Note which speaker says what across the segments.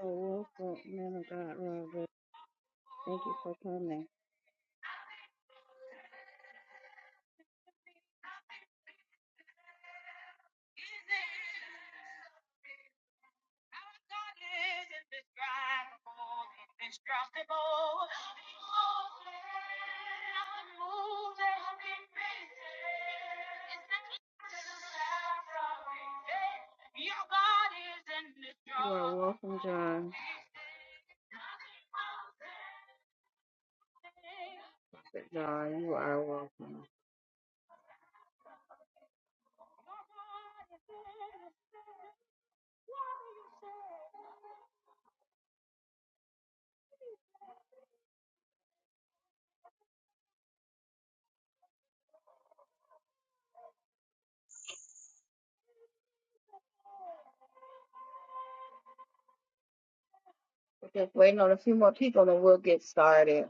Speaker 1: So welcome, man of God, Robert. Thank you for coming. You are welcome, John. John, you are welcome. We're just waiting on a few more people and we'll get started.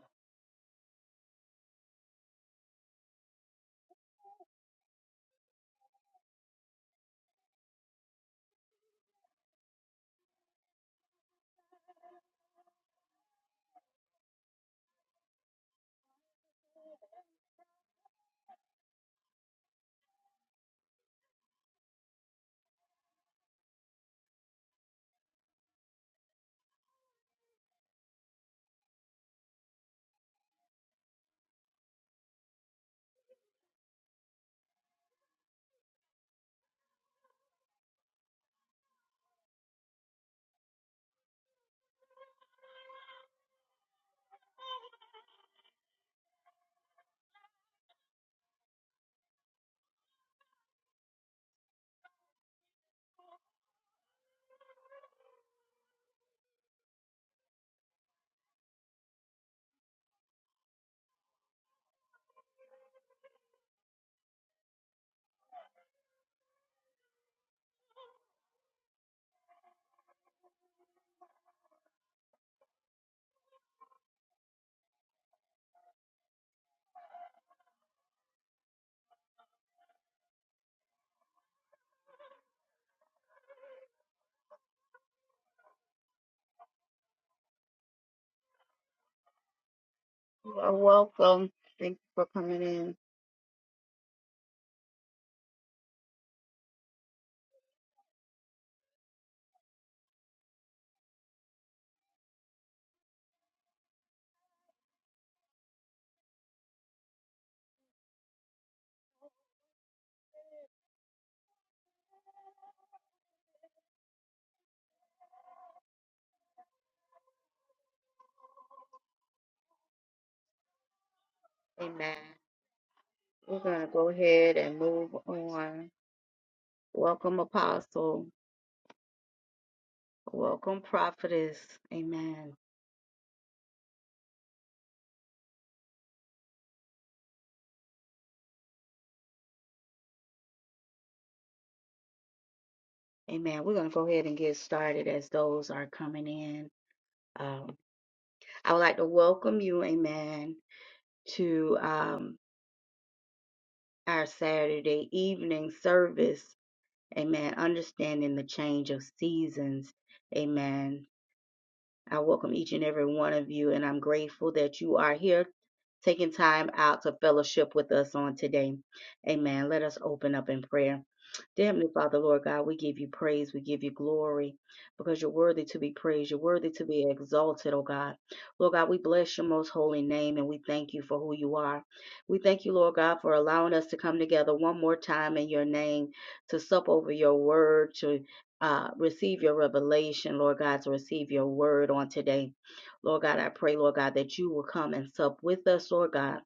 Speaker 1: You are welcome. Thank you for coming in. Amen. We're going to go ahead and move on. Welcome, Apostle. Welcome, Prophetess. Amen. Amen. We're going to go ahead and get started as those are coming in. Um, I would like to welcome you, amen, to um, our Saturday evening service, amen, understanding the change of seasons, amen. I welcome each and every one of you, and I'm grateful that you are here taking time out to fellowship with us on today. Amen. Let us open up in prayer. Dear Heavenly Father, Lord God, we give you praise, we give you glory, because you're worthy to be praised, you're worthy to be exalted, oh God. Lord God, we bless your most holy name and we thank you for who you are. We thank you, Lord God, for allowing us to come together one more time in your name to sup over your word, to uh, receive your revelation, Lord God, to receive your word on today. Lord God, I pray, Lord God, that you will come and sup with us, Lord God,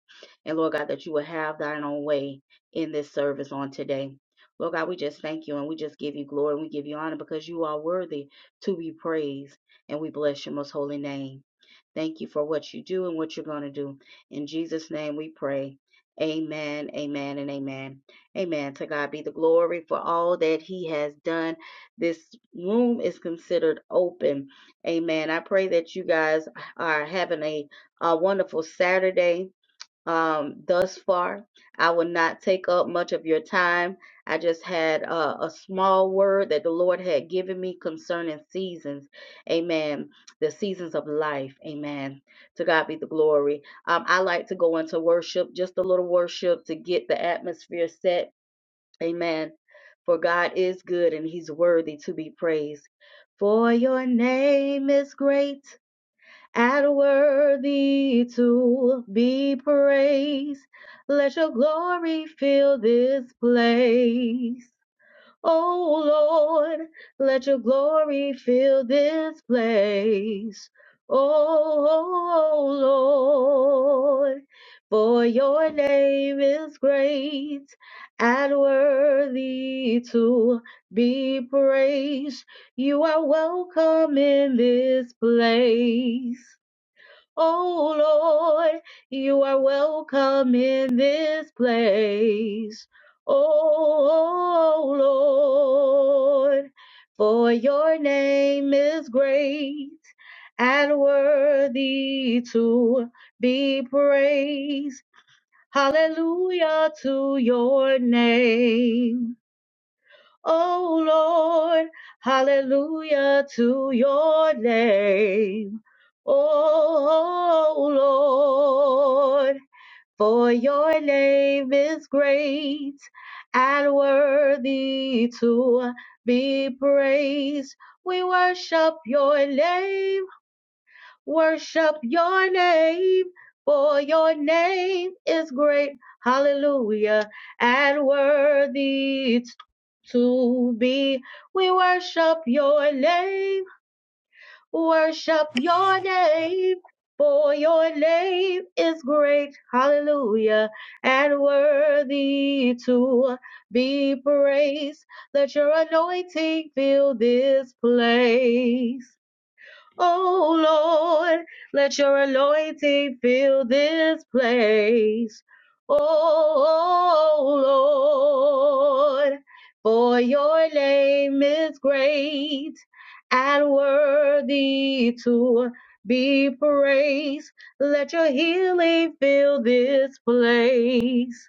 Speaker 1: and Lord God, that you will have thine own way in this service on today. Lord God, we just thank you and we just give you glory and we give you honor because you are worthy to be praised and we bless your most holy name. Thank you for what you do and what you're going to do. In Jesus' name we pray. Amen, amen, and amen. Amen. To God be the glory for all that he has done this room is considered open. Amen. I pray that you guys are having a, a wonderful Saturday um, thus far. I will not take up much of your time. I just had uh, a small word that the Lord had given me concerning seasons. Amen. The seasons of life. Amen. To God be the glory. Um, I like to go into worship, just a little worship to get the atmosphere set Amen. For God is good and he's worthy to be praised. For your name is great and worthy to be praised. Let your glory fill this place. Oh Lord, let your glory fill this place. Oh Lord, for your name is great and worthy to be praised. You are welcome in this place. Oh Lord, you are welcome in this place. Oh Lord, for your name is great and worthy to be praised. Hallelujah to your name. Oh Lord, hallelujah to your name. Oh Lord, for your name is great and worthy to be praised. We worship your name, Worship your name, for your name is great. Hallelujah. And worthy it's to be. We worship your name, worship your name, for your name is great. Hallelujah. And worthy to be praised. Let your anointing fill this place. Oh Lord, let your anointing fill this place. Oh Lord, for your name is great and worthy to be praised. Let your healing fill this place.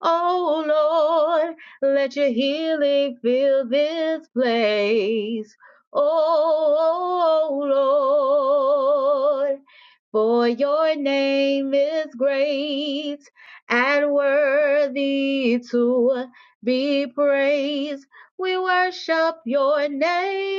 Speaker 1: Oh Lord, let your healing fill this place. Oh Lord, for your name is great and worthy to be praised. We worship your name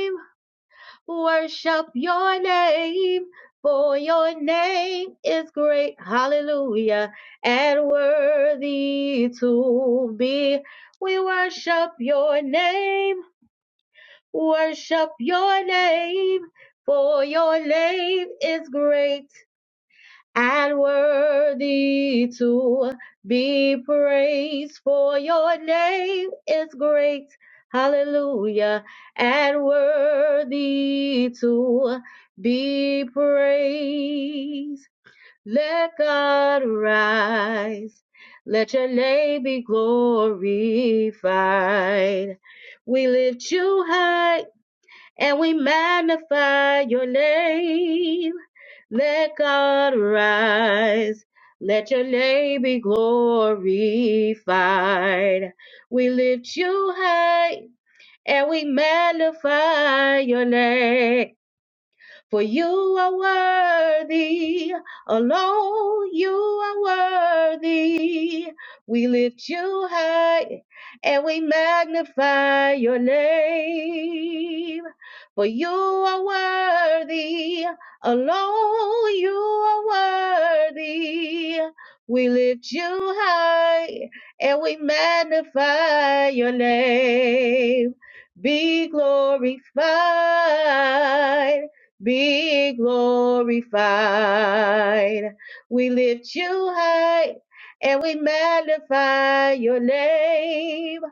Speaker 1: worship your name, for your name is great, hallelujah, and worthy to be. We worship your name, worship your name, for your name is great and worthy to be praised for your name is great hallelujah and worthy to be praised let god rise let your name be glorified we lift you high and we magnify your name. Let God rise. Let your name be glorified. We lift you high and we magnify your name. For you are worthy, alone you are worthy. We lift you high and we magnify your name. For you are worthy, alone you are worthy. We lift you high and we magnify your name. Be glorified be glorified. We lift you high and we magnify your name.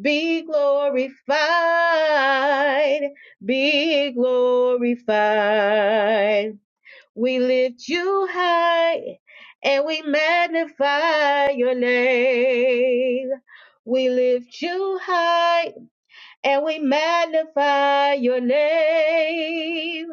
Speaker 1: Be glorified, be glorified. We lift you high and we magnify your name. We lift you high and we magnify your name.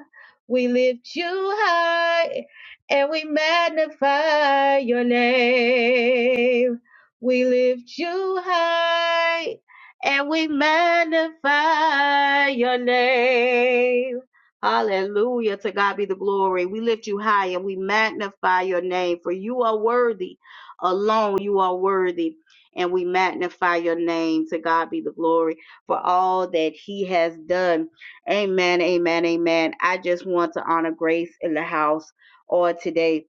Speaker 1: We lift you high and we magnify your name. We lift you high and we magnify your name. Hallelujah. To God be the glory. We lift you high and we magnify your name, for you are worthy. Alone you are worthy. And we magnify your name. To God be the glory for all that he has done. Amen, amen, amen. I just want to honor grace in the house or today.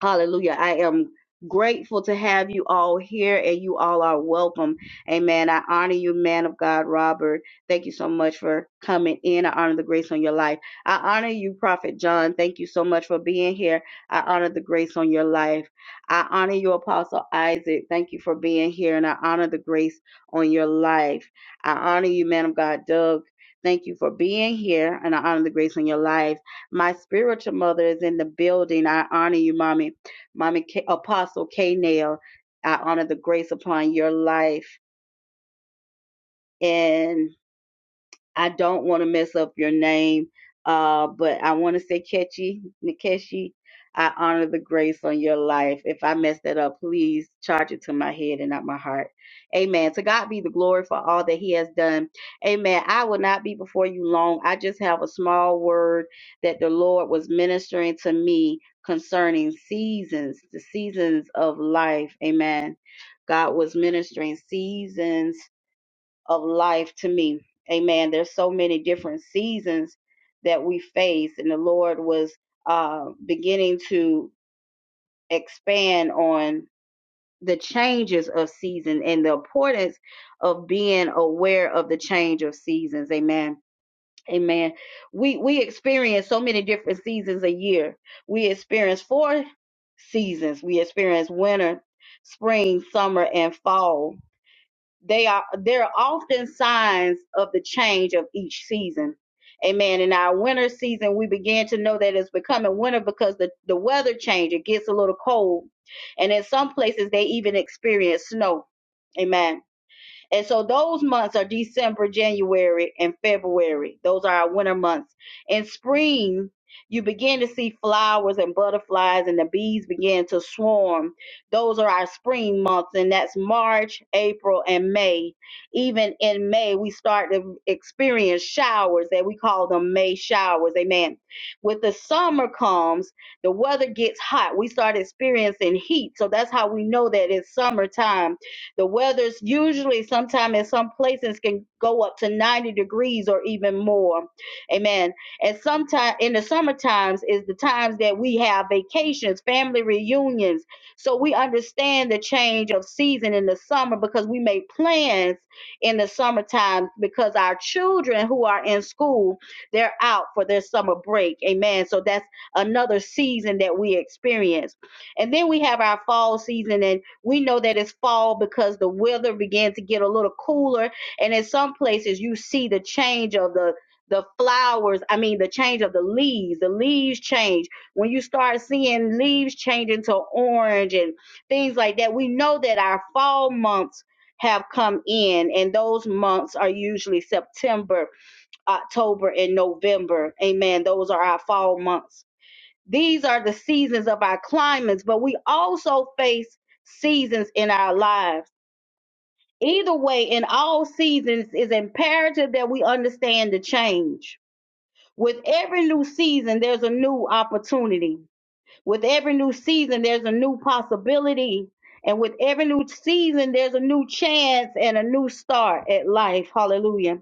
Speaker 1: Hallelujah. I am grateful to have you all here and you all are welcome. Amen. I honor you, man of God, Robert. Thank you so much for coming in. I honor the grace on your life. I honor you, Prophet John. Thank you so much for being here. I honor the grace on your life. I honor you, Apostle Isaac. Thank you for being here and I honor the grace on your life. I honor you, man of God, Doug. Thank you for being here and I honor the grace on your life. My spiritual mother is in the building. I honor you, mommy. Mommy K- Apostle K Nail, I honor the grace upon your life. And I don't want to mess up your name, uh, but I want to say Ketchy, Nikeshi. I honor the grace on your life. If I mess that up, please charge it to my head and not my heart. Amen. To God be the glory for all that He has done. Amen. I will not be before you long. I just have a small word that the Lord was ministering to me concerning seasons, the seasons of life. Amen. God was ministering seasons of life to me. Amen. There's so many different seasons that we face, and the Lord was uh, beginning to expand on the changes of season and the importance of being aware of the change of seasons. Amen. Amen. We we experience so many different seasons a year. We experience four seasons. We experience winter, spring, summer, and fall they are they're often signs of the change of each season amen in our winter season we begin to know that it's becoming winter because the, the weather change it gets a little cold and in some places they even experience snow amen and so those months are December, January, and February. Those are our winter months. In spring, you begin to see flowers and butterflies, and the bees begin to swarm. Those are our spring months, and that's March, April, and May. Even in May, we start to experience showers that we call them May showers. Amen. With the summer comes, the weather gets hot. We start experiencing heat. So that's how we know that it's summertime the weather's usually sometime in some places can go up to 90 degrees or even more. Amen. And sometime in the summer times is the times that we have vacations, family reunions. So we understand the change of season in the summer because we make plans in the summertime because our children who are in school, they're out for their summer break. Amen. So that's another season that we experience. And then we have our fall season. And we know that it's fall because the weather began to get a little cooler, and in some places you see the change of the the flowers. I mean, the change of the leaves. The leaves change when you start seeing leaves change into orange and things like that. We know that our fall months have come in, and those months are usually September, October, and November. Amen. Those are our fall months. These are the seasons of our climates, but we also face seasons in our lives. Either way, in all seasons, it's imperative that we understand the change. With every new season, there's a new opportunity. With every new season, there's a new possibility. And with every new season, there's a new chance and a new start at life. Hallelujah.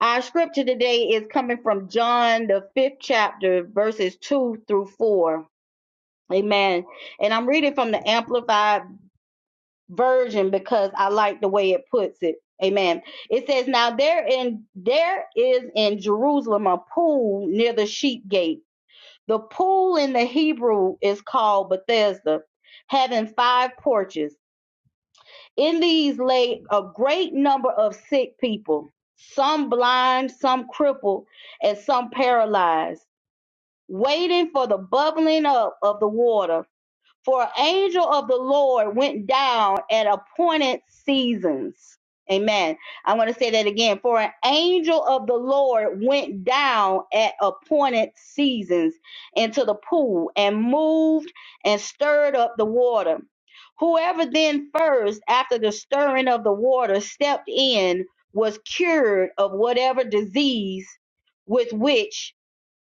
Speaker 1: Our scripture today is coming from John, the fifth chapter, verses two through four. Amen. And I'm reading from the Amplified Version because I like the way it puts it. Amen. It says, Now there in there is in Jerusalem a pool near the sheep gate. The pool in the Hebrew is called Bethesda, having five porches. In these lay a great number of sick people, some blind, some crippled, and some paralyzed, waiting for the bubbling up of the water For an angel of the Lord went down at appointed seasons. Amen. i want to say that again. For an angel of the Lord went down at appointed seasons into the pool and moved and stirred up the water. Whoever then first, after the stirring of the water, stepped in was cured of whatever disease with which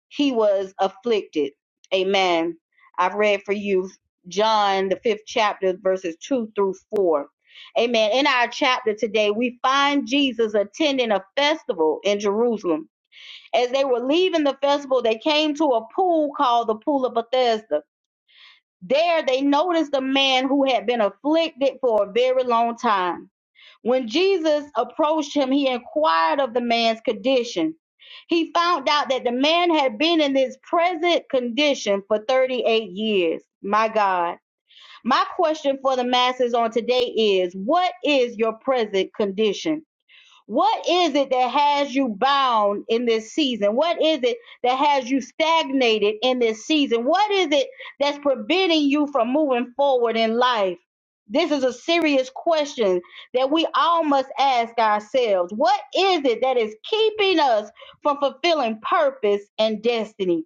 Speaker 1: he was afflicted. Amen. I've read for you John, the fifth chapter, verses two through four. Amen. In our chapter today, we find Jesus attending a festival in Jerusalem. As they were leaving the festival, they came to a pool called the Pool of Bethesda there they noticed a man who had been afflicted for a very long time. When Jesus approached him, he inquired of the man's condition. He found out that the man had been in this present condition for 38 years. My God. My question for the masses on today is what is your present condition? What is it that has you bound in this season? What is it that has you stagnated in this season? What is it that's preventing you from moving forward in life? This is a serious question that we all must ask ourselves. What is it that is keeping us from fulfilling purpose and destiny?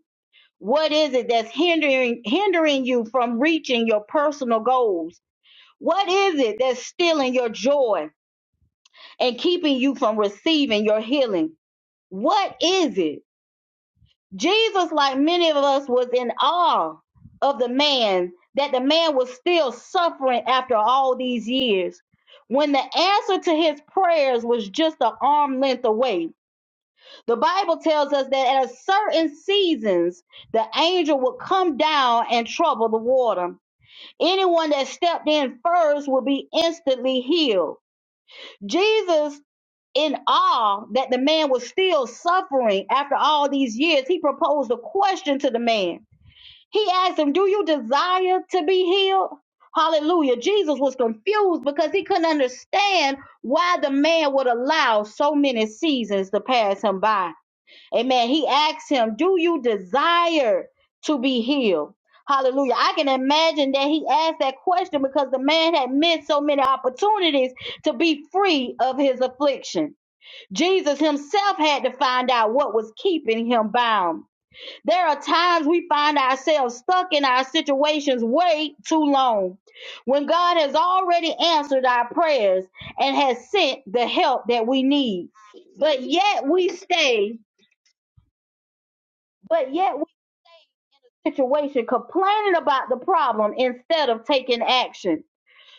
Speaker 1: What is it that's hindering hindering you from reaching your personal goals? What is it that's stealing your joy? and keeping you from receiving your healing. What is it? Jesus, like many of us, was in awe of the man, that the man was still suffering after all these years. When the answer to his prayers was just an arm length away, the Bible tells us that at certain seasons, the angel would come down and trouble the water. Anyone that stepped in first would be instantly healed Jesus, in awe that the man was still suffering after all these years, he proposed a question to the man. He asked him, Do you desire to be healed? Hallelujah. Jesus was confused because he couldn't understand why the man would allow so many seasons to pass him by Amen. He asked him, Do you desire to be healed? Hallelujah. I can imagine that he asked that question because the man had missed so many opportunities to be free of his affliction. Jesus himself had to find out what was keeping him bound. There are times we find ourselves stuck in our situations way too long when God has already answered our prayers and has sent the help that we need. But yet we stay, but yet situation complaining about the problem instead of taking action.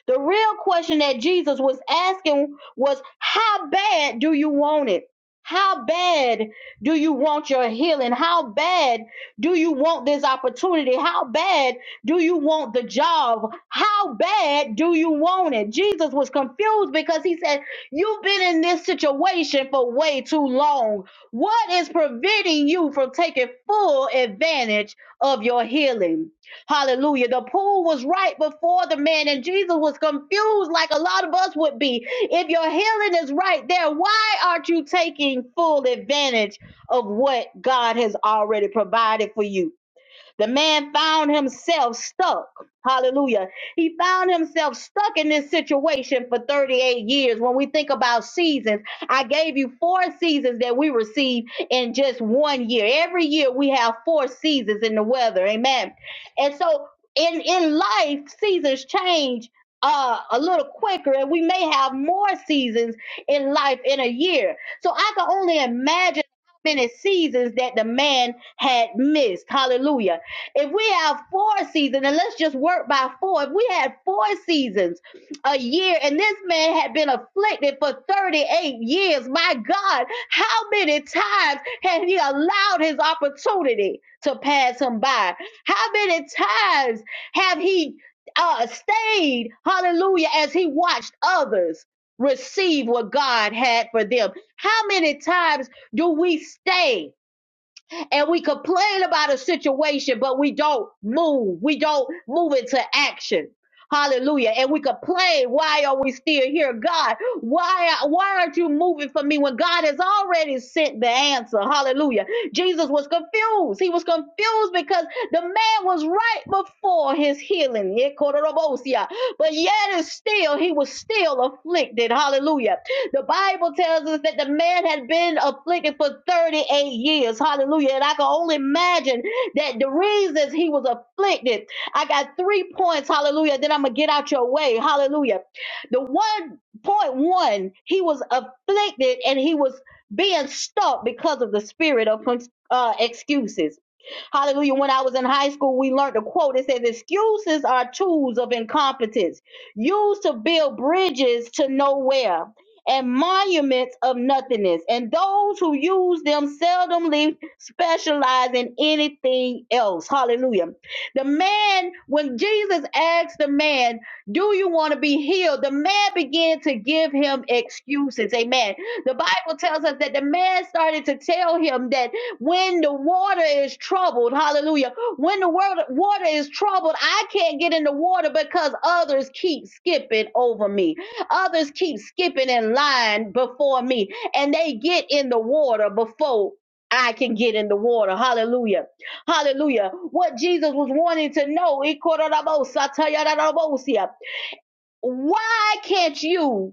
Speaker 1: The real question that Jesus was asking was, How bad do you want it? How bad do you want your healing? How bad do you want this opportunity? How bad do you want the job? How bad do you want it? Jesus was confused because he said, You've been in this situation for way too long. What is preventing you from taking full advantage of your healing? Hallelujah. The pool was right before the man, and Jesus was confused like a lot of us would be. If your healing is right there, why aren't you taking full advantage of what God has already provided for you? The man found himself stuck. Hallelujah. He found himself stuck in this situation for 38 years. When we think about seasons, I gave you four seasons that we receive in just one year. Every year we have four seasons in the weather. Amen. And so in, in life, seasons change uh, a little quicker, and we may have more seasons in life in a year. So I can only imagine how many seasons that the man had missed. Hallelujah. If we have four seasons, and let's just work by four, if we had four seasons a year, and this man had been afflicted for 38 years, my God, how many times had he allowed his opportunity to pass him by? How many times have he uh, stayed, hallelujah, as he watched others? Receive what God had for them. How many times do we stay? and we complain about a situation, but we don't move. We don't move into action. Hallelujah. And we complain, why are we still here? God, why, why aren't you moving for me when God has already sent the answer? Hallelujah. Jesus was confused. He was confused because the man was right before his healing. But yet and still, he was still afflicted. Hallelujah. The Bible tells us that the man had been afflicted for 38 years. Hallelujah. And I can only imagine that the reasons he was afflicted. I got three points. Hallelujah. Then I'm going to get out your way. Hallelujah. The one point one, he was afflicted and he was being stalked because of the spirit of uh, excuses. Hallelujah. When I was in high school, we learned a quote. It says, Excuses are tools of incompetence used to build bridges to nowhere and monuments of nothingness, and those who use them seldomly specialize in anything else. Hallelujah. The man, when Jesus asked the man, Do you want to be healed? the man began to give him excuses. Amen. The Bible tells us that the man started to tell him that when the water is troubled, hallelujah, when the wor- water is troubled, I can't get in the water because others keep skipping over me. Others keep skipping in line before me, and they get in the water before I can get in the water. Hallelujah. Hallelujah. What Jesus was wanting to know, 'Ikororabosatayarabosia, why can't you?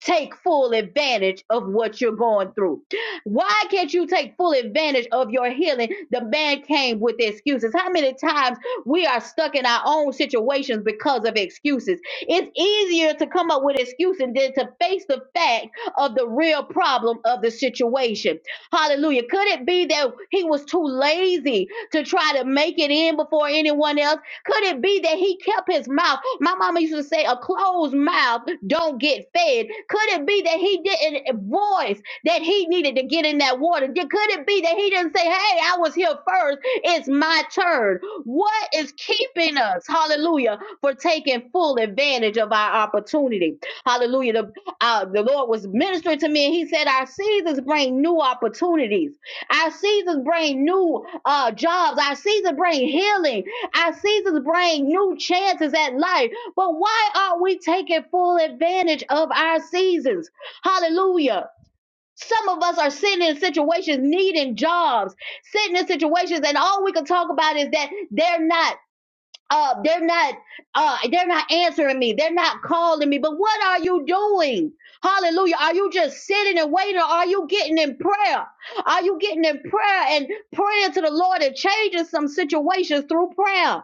Speaker 1: take full advantage of what you're going through. Why can't you take full advantage of your healing? The man came with excuses. How many times we are stuck in our own situations because of excuses? It's easier to come up with excuses than to face the fact of the real problem of the situation. Hallelujah. Could it be that he was too lazy to try to make it in before anyone else? Could it be that he kept his mouth? My mama used to say, a closed mouth don't get fed. Could it be that he didn't voice that he needed to get in that water? Did- Could it be that he didn't say, hey, I was here first. It's my turn. What is keeping us, hallelujah, for taking full advantage of our opportunity? Hallelujah. The, uh, the Lord was ministering to me and he said, our seasons bring new opportunities. Our seasons bring new uh, jobs. Our seasons bring healing. Our seasons bring new chances at life, but why aren't we taking full advantage of our seasons? Hallelujah. Some of us are sitting in situations needing jobs, sitting in situations, and all we can talk about is that they're not. Uh, they're not uh they're not answering me they're not calling me but what are you doing hallelujah are you just sitting and waiting or are you getting in prayer are you getting in prayer and praying to the lord and changing some situations through prayer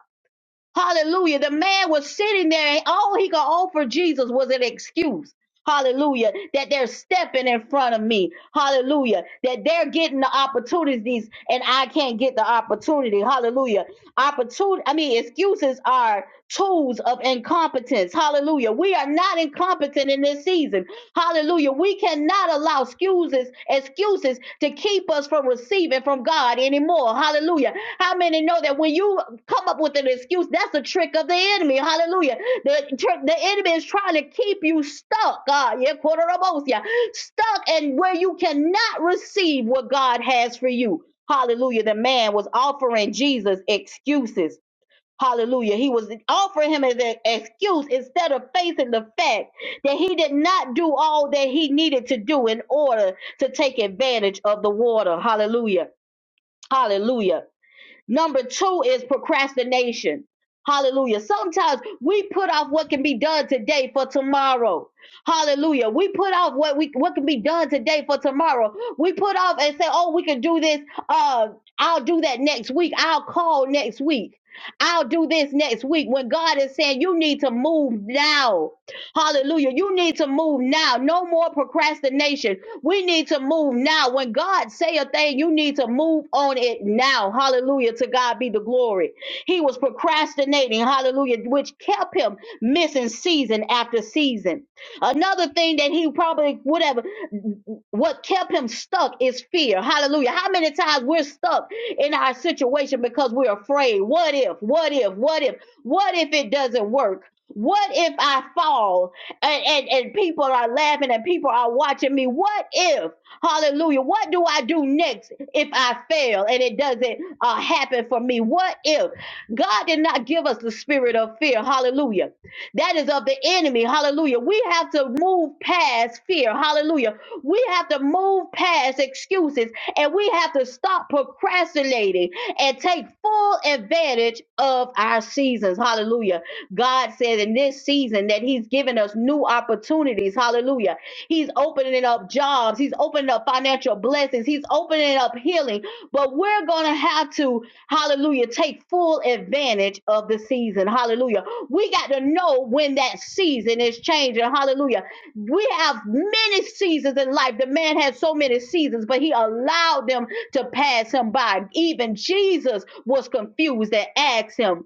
Speaker 1: Hallelujah. The man was sitting there, and all he could offer Jesus was an excuse. Hallelujah. That they're stepping in front of me. Hallelujah. That they're getting the opportunities and I can't get the opportunity. Hallelujah. Opportunity, I mean, excuses are tools of incompetence. Hallelujah. We are not incompetent in this season. Hallelujah. We cannot allow excuses, excuses to keep keep us from receiving from God anymore. Hallelujah. How many know that when you come up with an excuse, that's a trick of the enemy? Hallelujah. The, tr- the enemy is trying to keep you stuck, God, yeah, quarter-abosia, stuck and where you cannot receive what God has for you. Hallelujah. The man was offering Jesus excuses. Hallelujah. He was offering him as an excuse instead of facing the fact that he did not do all that he needed to do in order to take advantage of the water. Hallelujah. Hallelujah. Number two is procrastination. Hallelujah. Sometimes we put off what can be done today for tomorrow. Hallelujah. We put off what we what can be done today for tomorrow. We put off and say, "Oh, we can do this. Uh, I'll do that next week. I'll call next week. I'll do this next week." When God is saying, "You need to move now." Hallelujah. You need to move now. No more procrastination. We need to move now. When God say a thing, you need to move on it now. Hallelujah. To God be the glory. He was procrastinating. Hallelujah. Which kept him missing season after season. Another thing that he probably would have, what kept him stuck is fear. Hallelujah. How many times we're stuck in our situation because we're afraid? What if? What if? What if? What if it doesn't work? What if I fall and, and, and people are laughing and people are watching me? What if, hallelujah, what do I do next if I fail and it doesn't uh, happen for me? What if God did not give us the spirit of fear? Hallelujah. That is of the enemy. Hallelujah. We have to move past fear. Hallelujah. We have to move past excuses and we have to stop procrastinating and take full advantage of our seasons. Hallelujah. God said in this season that He's giving us new opportunities. Hallelujah. He's opening up jobs, He's opening up financial blessings, He's opening up healing. But we're going to have to, hallelujah, take full advantage of the season. Hallelujah. We got to know when that season is changing. Hallelujah. We have many seasons in life. The man had so many seasons, but he allowed them to pass him by. Even Jesus was confused and asked him,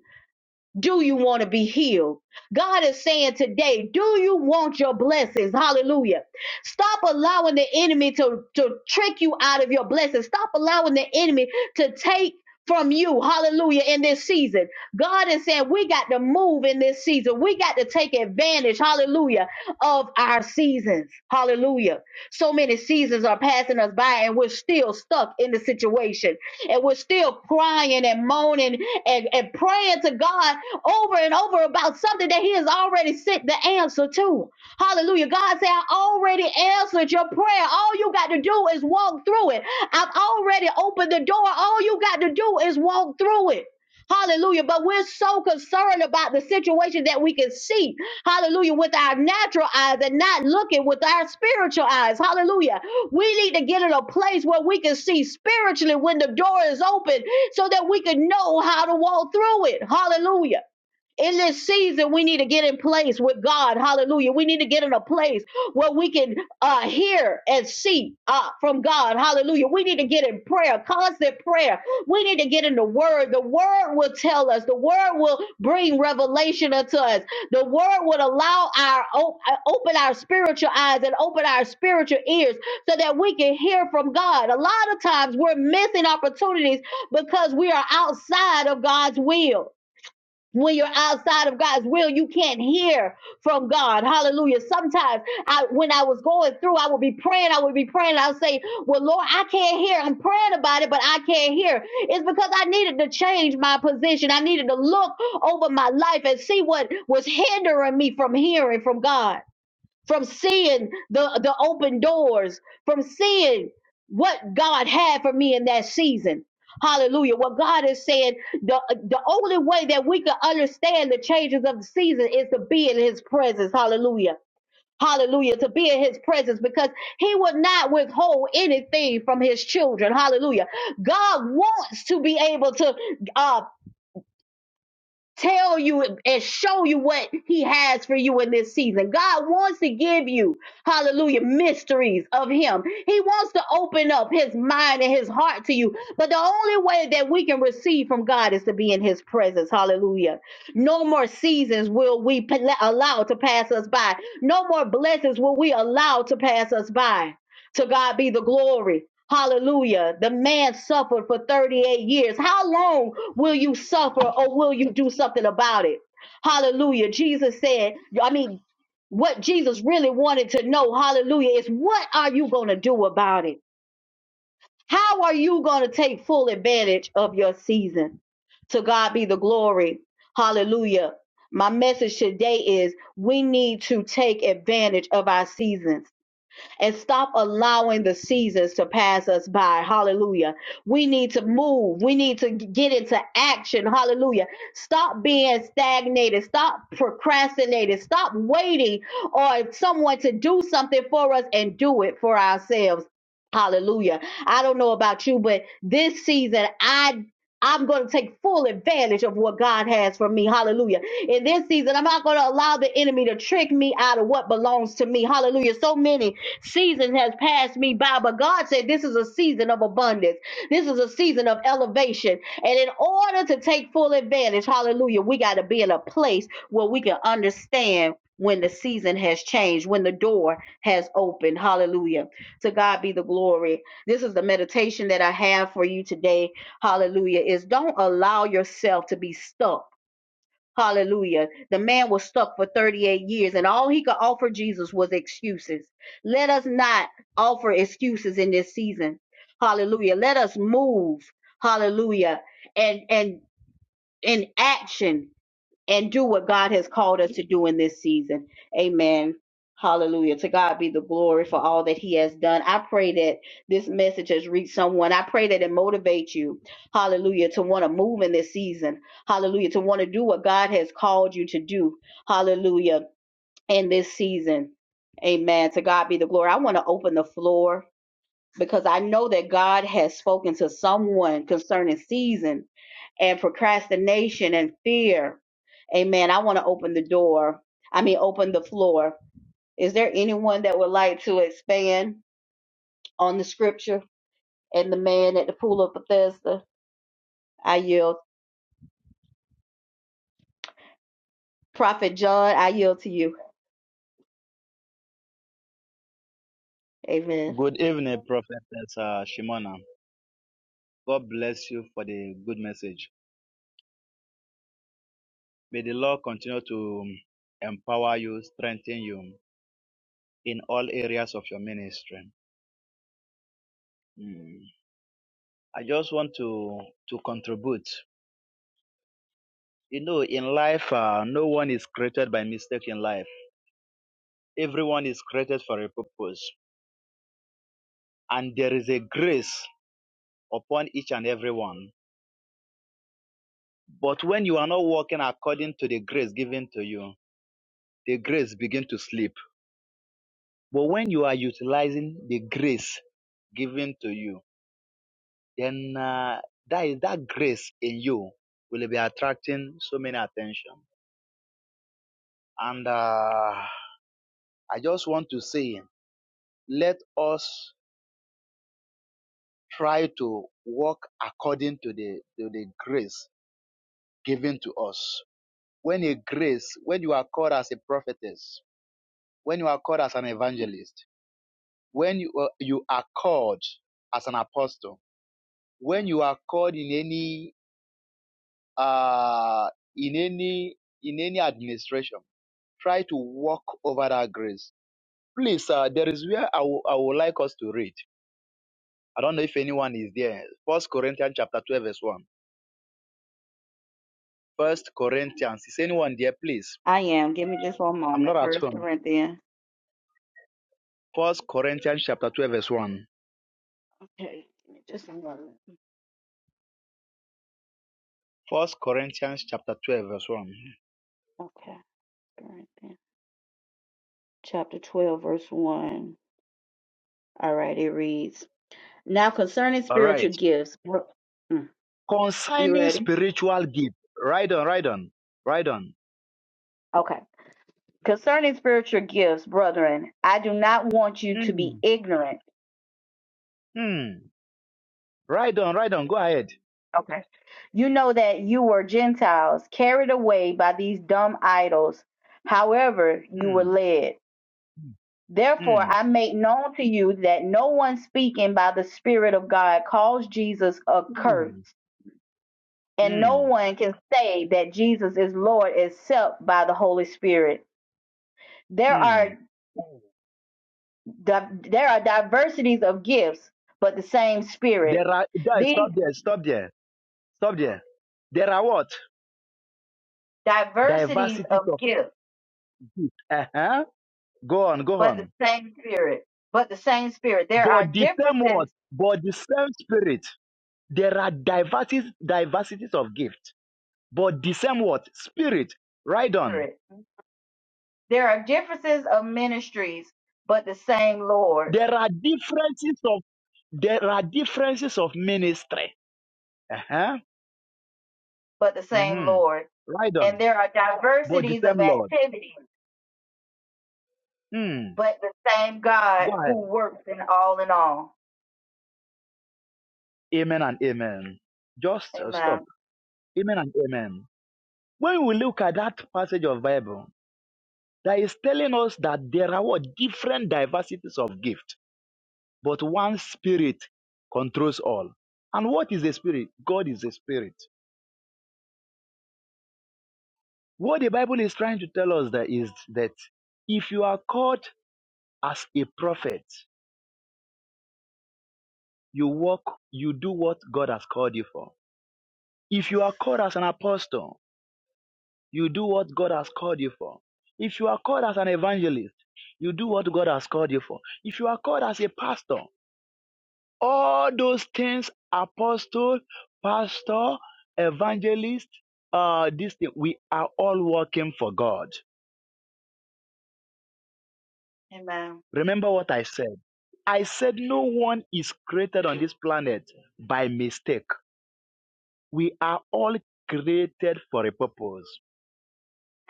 Speaker 1: do you want to be healed? God is saying today, do you want your blessings? Hallelujah. Stop allowing the enemy to, to trick you out of your blessings. Stop allowing the enemy to take from you. Hallelujah. In this season, God is saying we got to move in this season. We got to take advantage. Hallelujah. Of our seasons. Hallelujah. So many seasons are passing us by and we're still stuck in the situation and we're still crying and moaning and, and praying to God over and over about something that He has already sent the answer to. Hallelujah. God said, I already answered your prayer. All you got to do is walk through it. I've already opened the door. All you got to do is walk through it. Hallelujah. But we're so concerned about the situation that we can see. Hallelujah. With our natural eyes and not looking with our spiritual eyes. Hallelujah. We need to get in a place where we can see spiritually when the door is open so that we can know how to walk through it. Hallelujah in this season we need to get in place with god hallelujah we need to get in a place where we can uh hear and see uh from god hallelujah we need to get in prayer constant prayer we need to get in the word the word will tell us the word will bring revelation unto us the word would allow our o- uh, open our spiritual eyes and open our spiritual ears so that we can hear from god a lot of times we're missing opportunities because we are outside of god's will when you're outside of God's will, you can't hear from God. Hallelujah. Sometimes I, when I was going through, I would be praying, I would be praying. I would say, well, Lord, I can't hear. I'm praying about it, but I can't hear. It's because I needed to change my position. I needed to look over my life and see what was hindering me from hearing from God from seeing the, the open doors, from seeing what God had for me in that season. Hallelujah. What God is saying, the, the only way that we can understand the changes of the season is to be in his presence. Hallelujah. Hallelujah. To be in his presence because he will not withhold anything from his children. Hallelujah. God wants to be able to uh, tell you and show you what he has for you in this season. God wants to give you, hallelujah, mysteries of him. He wants to open up his mind and his heart to you. But the only way that we can receive from God is to be in his presence. Hallelujah. No more seasons will we pl- allow to pass us by. No more blessings will we allow to pass us by. To God be the glory. Hallelujah. The man suffered for 38 years. How long will you suffer or will you do something about it? Hallelujah. Jesus said, I mean, what Jesus really wanted to know, hallelujah, is what are you going to do about it? How are you going to take full advantage of your season? To God be the glory. Hallelujah. My message today is we need to take advantage of our seasons and stop allowing the seasons to pass us by. Hallelujah. We need to move. We need to get into action. Hallelujah. Stop being stagnated. Stop procrastinating. Stop waiting on someone to do something for us and do it for ourselves. Hallelujah. I don't know about you, but this season, I I'm going to take full advantage of what God has for me. Hallelujah. In this season, I'm not going to allow the enemy to trick me out of what belongs to me. Hallelujah. So many seasons has passed me by, but God said this is a season of abundance. This is a season of elevation. And in order to take full advantage, hallelujah, we got to be in a place where we can understand when the season has changed, when the door has opened. Hallelujah. To God be the glory. This is the meditation that I have for you today hallelujah, is don't allow yourself to be stuck. Hallelujah. The man was stuck for 38 years, and all he could offer Jesus was excuses. Let us not offer excuses in this season. Hallelujah. Let us move. Hallelujah. And and in action and do what God has called us to do in this season. Amen. Hallelujah. To God be the glory for all that He has done. I pray that this message has reached someone. I pray that it motivates you. Hallelujah. To want to move in this season. Hallelujah. To want to do what God has called you to do. Hallelujah. In this season. Amen. To God be the glory. I want to open the floor because I know that God has spoken to someone concerning season and procrastination and fear. Amen. I want to open the door. I mean, open the floor. Is there anyone that would like to expand on the scripture and the man at the pool of Bethesda? I yield. Prophet John, I yield to you. Amen.
Speaker 2: Good evening, Prophetess uh, Shimona. God bless you for the good message. May the Lord continue to um, empower you, strengthen you in all areas of your ministry. Mm. I just want to to contribute. You know, in life, uh, no one is created by mistake. In life, everyone is created for a purpose, and there is a grace upon each and every one. But when you are not walking according to the grace given to you, the grace begin to slip But when you are utilizing the grace given to you, then uh, that is that grace in you will be attracting so many attention. And uh, I just want to say, let us try to walk according to the to the grace given to us. When a grace, when you are called as a prophetess, when you are called as an evangelist, when you are, you are called as an apostle, when you are called in any uh, in any in any administration try to walk over that grace please uh, there is where I wou- I would like us to read i don't know if anyone is there first corinthians chapter 12 verse 1 first corinthians is anyone there please
Speaker 1: I am. Give me just one
Speaker 2: i'm not
Speaker 1: moment.
Speaker 2: at
Speaker 1: First
Speaker 2: home
Speaker 1: Corinthians.
Speaker 2: first corinthians chapter 12 verse 1
Speaker 1: Okay. Give me just a moment.
Speaker 2: first corinthians chapter 12 verse 1
Speaker 1: Okay. Corinthians. Chapter 12, verse 1. All right. It reads. Now concerning
Speaker 2: all
Speaker 1: spiritual
Speaker 2: right
Speaker 1: gifts, bro- mm, you
Speaker 2: concerning
Speaker 1: ready?
Speaker 2: spiritual gift right on right on right on
Speaker 1: Okay. Concerning spiritual gifts, brethren, I do not want you to be
Speaker 2: mm.
Speaker 1: ignorant.
Speaker 2: Mm. right on right on go ahead
Speaker 1: Okay. You know that you were Gentiles carried away by these dumb idols, however, you were
Speaker 2: mm.
Speaker 1: led. Therefore,
Speaker 2: Mm.
Speaker 1: I make known to you that no one speaking by the Spirit of God calls Jesus accursed,
Speaker 2: Hmm.
Speaker 1: and no
Speaker 2: Hmm.
Speaker 1: one can say that Jesus is Lord except by the Holy Spirit. There
Speaker 2: Hmm.
Speaker 1: are Di- there are diversities of gifts, but the same spirit.
Speaker 2: There are guys,
Speaker 1: These
Speaker 2: stop there, stop there, stop there. There are what?
Speaker 1: diversities
Speaker 2: Diversities
Speaker 1: of
Speaker 2: of
Speaker 1: gifts,
Speaker 2: gift. Uh-huh. Go on, go
Speaker 1: but the
Speaker 2: on.
Speaker 1: same spirit. But the same spirit. There are
Speaker 2: But the same
Speaker 1: differences.
Speaker 2: what? But the same spirit. There are
Speaker 1: Mhm.
Speaker 2: diversities, diversities of gift. But the same what? Spirit. Right on.
Speaker 1: Spirit. There are differences of ministries, but the same Lord.
Speaker 2: There are differences of there are differences of ministry. Uh-huh.
Speaker 1: But the same
Speaker 2: hmm
Speaker 1: Lord.
Speaker 2: Right on.
Speaker 1: And there are
Speaker 2: But the
Speaker 1: diversities of
Speaker 2: same Lord.
Speaker 1: activities,
Speaker 2: Hmm.
Speaker 1: but the same
Speaker 2: Go
Speaker 1: God
Speaker 2: ahead.
Speaker 1: who works in all in all.
Speaker 2: Amen and amen. Just uh, stop.
Speaker 1: Amen.
Speaker 2: Amen and amen. When we look at that passage of Bible, that is telling us that there are what different diversities of gift, but one spirit controls all. And what is a spirit? God is a spirit. What the Bible is trying to tell us that is that if you are called as a prophet, you walk, you do what God has called you for. If you are called as an apostle, You do what God has called you for. If you are called as an evangelist, you do what God has called you for. If you are called as a pastor, all those things, apostle, pastor, evangelist, uh, this thing, we are all working for God.
Speaker 1: Amen.
Speaker 2: Remember what I said. I said no one is created on this planet by mistake. We are all created for a purpose.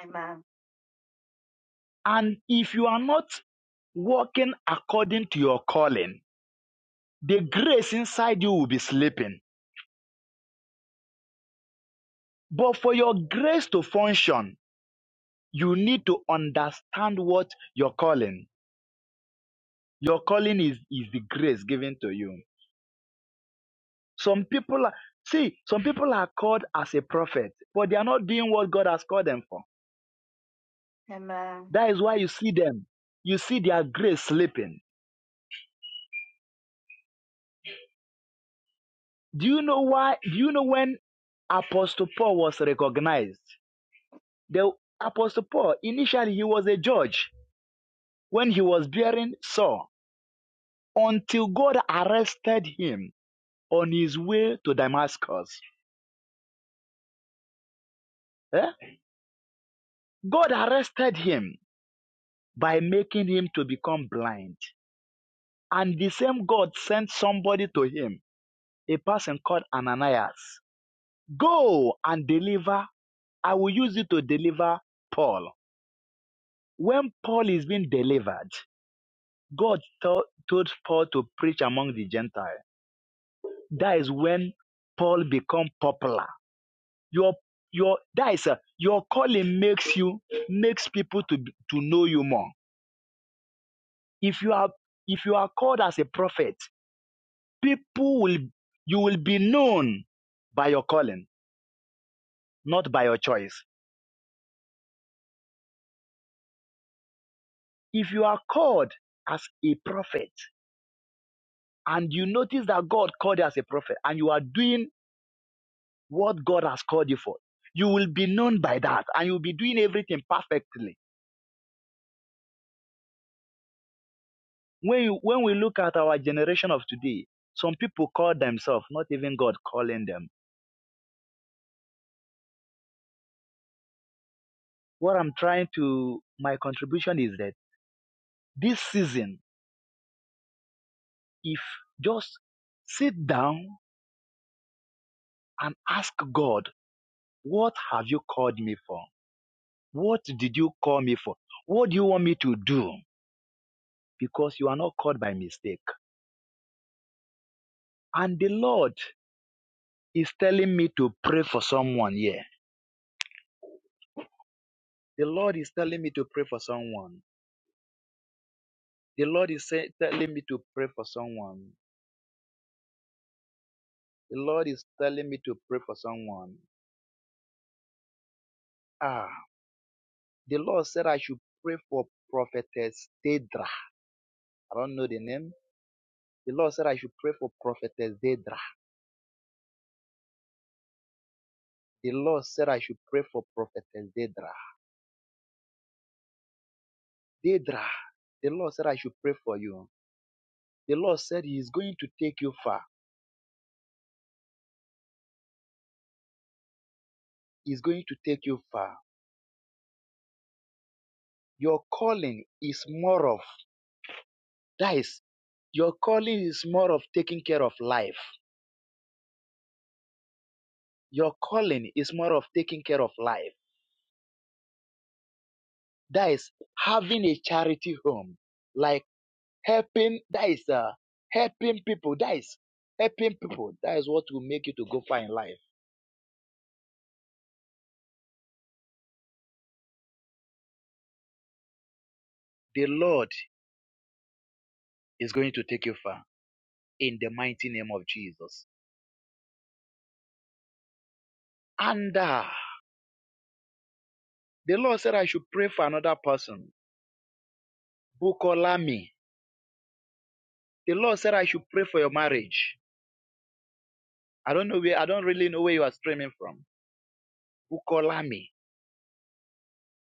Speaker 1: Amen.
Speaker 2: And if you are not working according to your calling, the grace inside you will be sleeping. But for your grace to function, you need to understand what your calling. Your calling is, is the grace given to you. Some people are, see, some people are called as a prophet, but they are not doing what God has called them for.
Speaker 1: Amen.
Speaker 2: That is why you see them, you see their grace sleeping. Do you know why? Do you know when Apostle Paul was recognized? The Apostle Paul, initially he was a judge when he was bearing Saul until God arrested him on his way to Damascus. Eh? God arrested him by making him to become blind. And the same God sent somebody to him, a person called Ananias. Go and deliver I will use you to deliver Paul. When Paul is being delivered, God told, told Paul to preach among the Gentiles. That is when Paul become popular. Your your that is a, your calling makes you makes people to to know you more. If you are if you are called as a prophet, people will you will be known by your calling, not by your choice. If you are called as a prophet and you notice that God called you as a prophet and you are doing what God has called you for, you will be known by that and you'll be doing everything perfectly When you, when we look at our generation of today, some people call themselves, not even God calling them. What I'm trying to, my contribution is that this season, if just sit down and ask God, what have you called me for? What did you call me for? What do you want me to do? Because you are not called by mistake. And the Lord is telling me to pray for someone here. The Lord is telling me to pray for someone. The Lord is say, telling me to pray for someone. The Lord is telling me to pray for someone. Ah, the Lord said I should pray for prophetess Dedra. I don't know the name. The Lord said I should pray for prophetess Dedra. The Lord said I should pray for prophetess Dedra. Dedra, the Lord said I should pray for you. The Lord said He is going to take you far. He is going to take you far. Your calling is more of that is your calling is more of taking care of life. Your calling is more of taking care of life. that is having a charity home, like helping, that is uh, helping people, that is helping people, that is what will make you to go far in life. The Lord is going to take you far in the mighty name of Jesus. And uh, the Lord said I should pray for another person, Bukolami. The Lord said I should pray for your marriage. I don't know where, I don't really know where you are streaming from. Bukolami.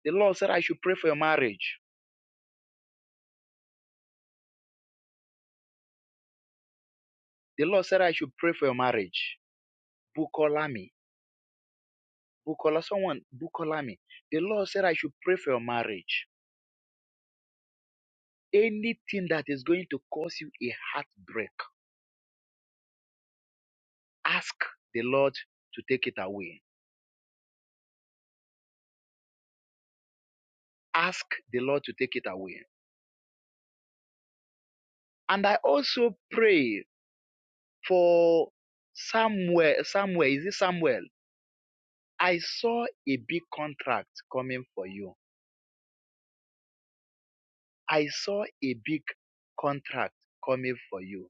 Speaker 2: The Lord said I should pray for your marriage. The Lord said I should pray for your marriage. Bukolami Bukola, someone, Bukolami, the Lord said I should pray for your marriage. Anything that is going to cause you a heartbreak, ask the Lord to take it away. Ask the Lord to take it away. And I also pray for Samuel, Samuel, is it Samuel? I saw a big contract coming for you. I saw a big contract coming for you.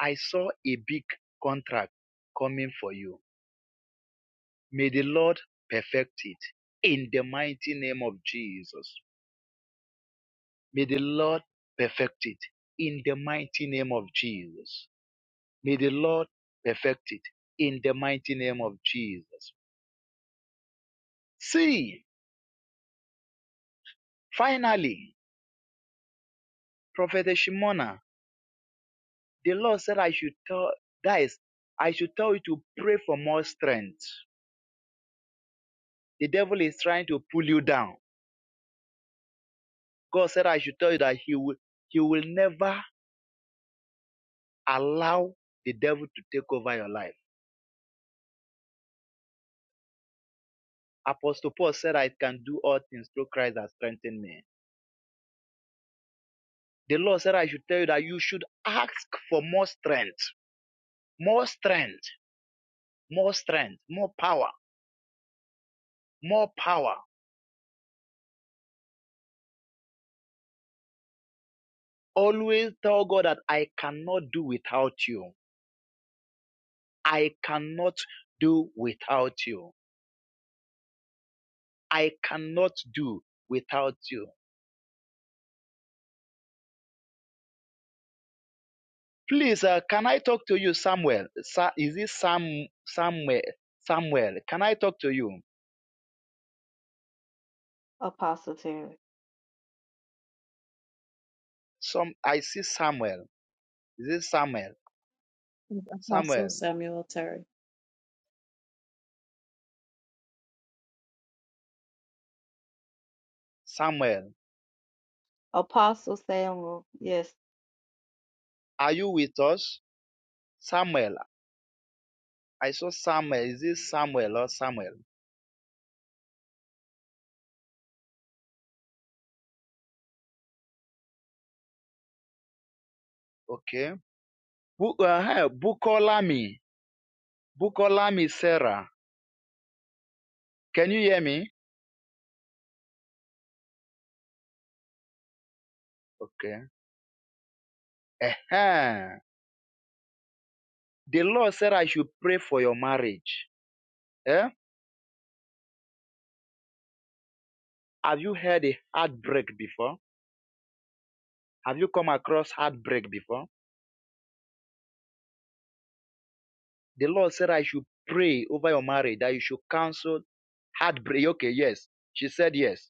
Speaker 2: I saw a big contract coming for you. May the Lord perfect it in the mighty name of Jesus. May the Lord perfect it in the mighty name of Jesus. May the Lord perfect it in the mighty name of Jesus. See, finally, Prophet Shimona, the Lord said, I should tell, guys, I should tell you to pray for more strength. The devil is trying to pull you down. God said, I should tell you that he will, he will never allow the devil to take over your life Apostle Paul said, I can do all things through Christ that strengthened me. The Lord said, I should tell you that you should ask for more strength, more strength, more strength, more power, more power. Always tell God that I cannot do without you. I cannot do without you. I cannot do without you. Please, uh, can I talk to you, Samuel? Sa- is it Sam, Samuel? Samuel, can I talk to you? Some, I see Samuel. Is it Samuel?
Speaker 3: with Apostle
Speaker 2: Samuel,
Speaker 3: Samuel Terry.
Speaker 2: Samuel,
Speaker 1: Apostle Samuel. Yes.
Speaker 2: are you with us? Samuel, I saw Samuel. Is it Samuel or Samuel? Okay. Bu- uh, hey, Bukolami, Bukolami Sarah. Can you hear me? Okay. uh The Lord said I should pray for your marriage. Eh? Have you heard a heartbreak before? Have you come across heartbreak before? The Lord said I should pray over your marriage that you should counsel heartbreak. Okay, yes. She said yes.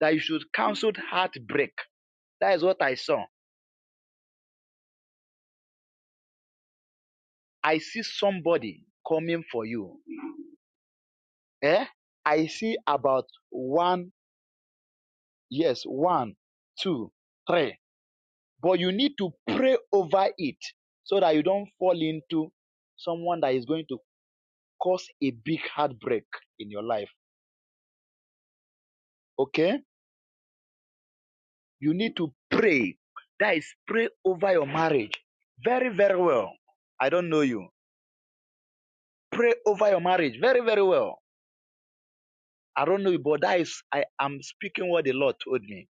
Speaker 2: That you should counsel heartbreak That is what I saw. I see somebody coming for you. Eh? I see about one, yes, one, two, three. But you need to pray over it so that you don't fall into someone that is going to cause a big heartbreak in your life. Okay? You need to pray. That is, pray over your marriage very, very well. I don't know you. Pray over your marriage very, very well. I don't know you, but that is, I am speaking what the Lord told me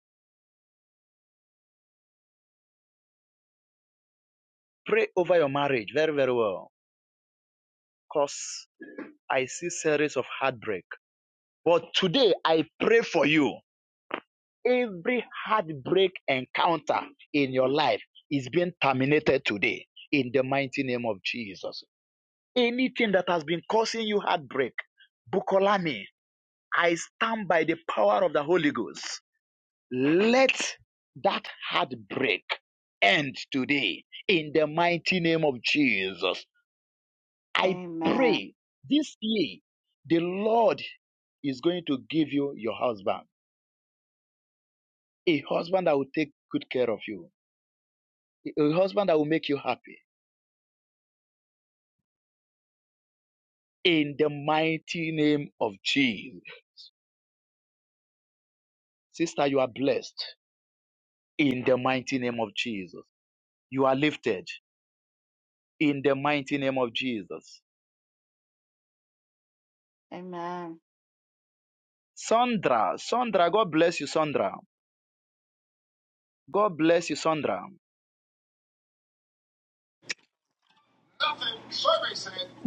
Speaker 2: Pray over your marriage very, very well. Because I see series of heartbreak. But today I pray for you. Every heartbreak encounter in your life is being terminated today in the mighty name of Jesus. Anything that has been causing you heartbreak, Bukolami, I stand by the power of the Holy Ghost. Let that heartbreak end today in the mighty name of Jesus. I
Speaker 1: Amen.
Speaker 2: pray this year the Lord is going to give you your husband, a husband that will take good care of you, a husband that will make you happy. In the mighty name of Jesus. Sister, you are blessed. In the mighty name of Jesus. You are lifted. In the mighty name of Jesus.
Speaker 1: Amen.
Speaker 2: Sandra, Sandra, God bless you, Sandra. God bless you, Sandra.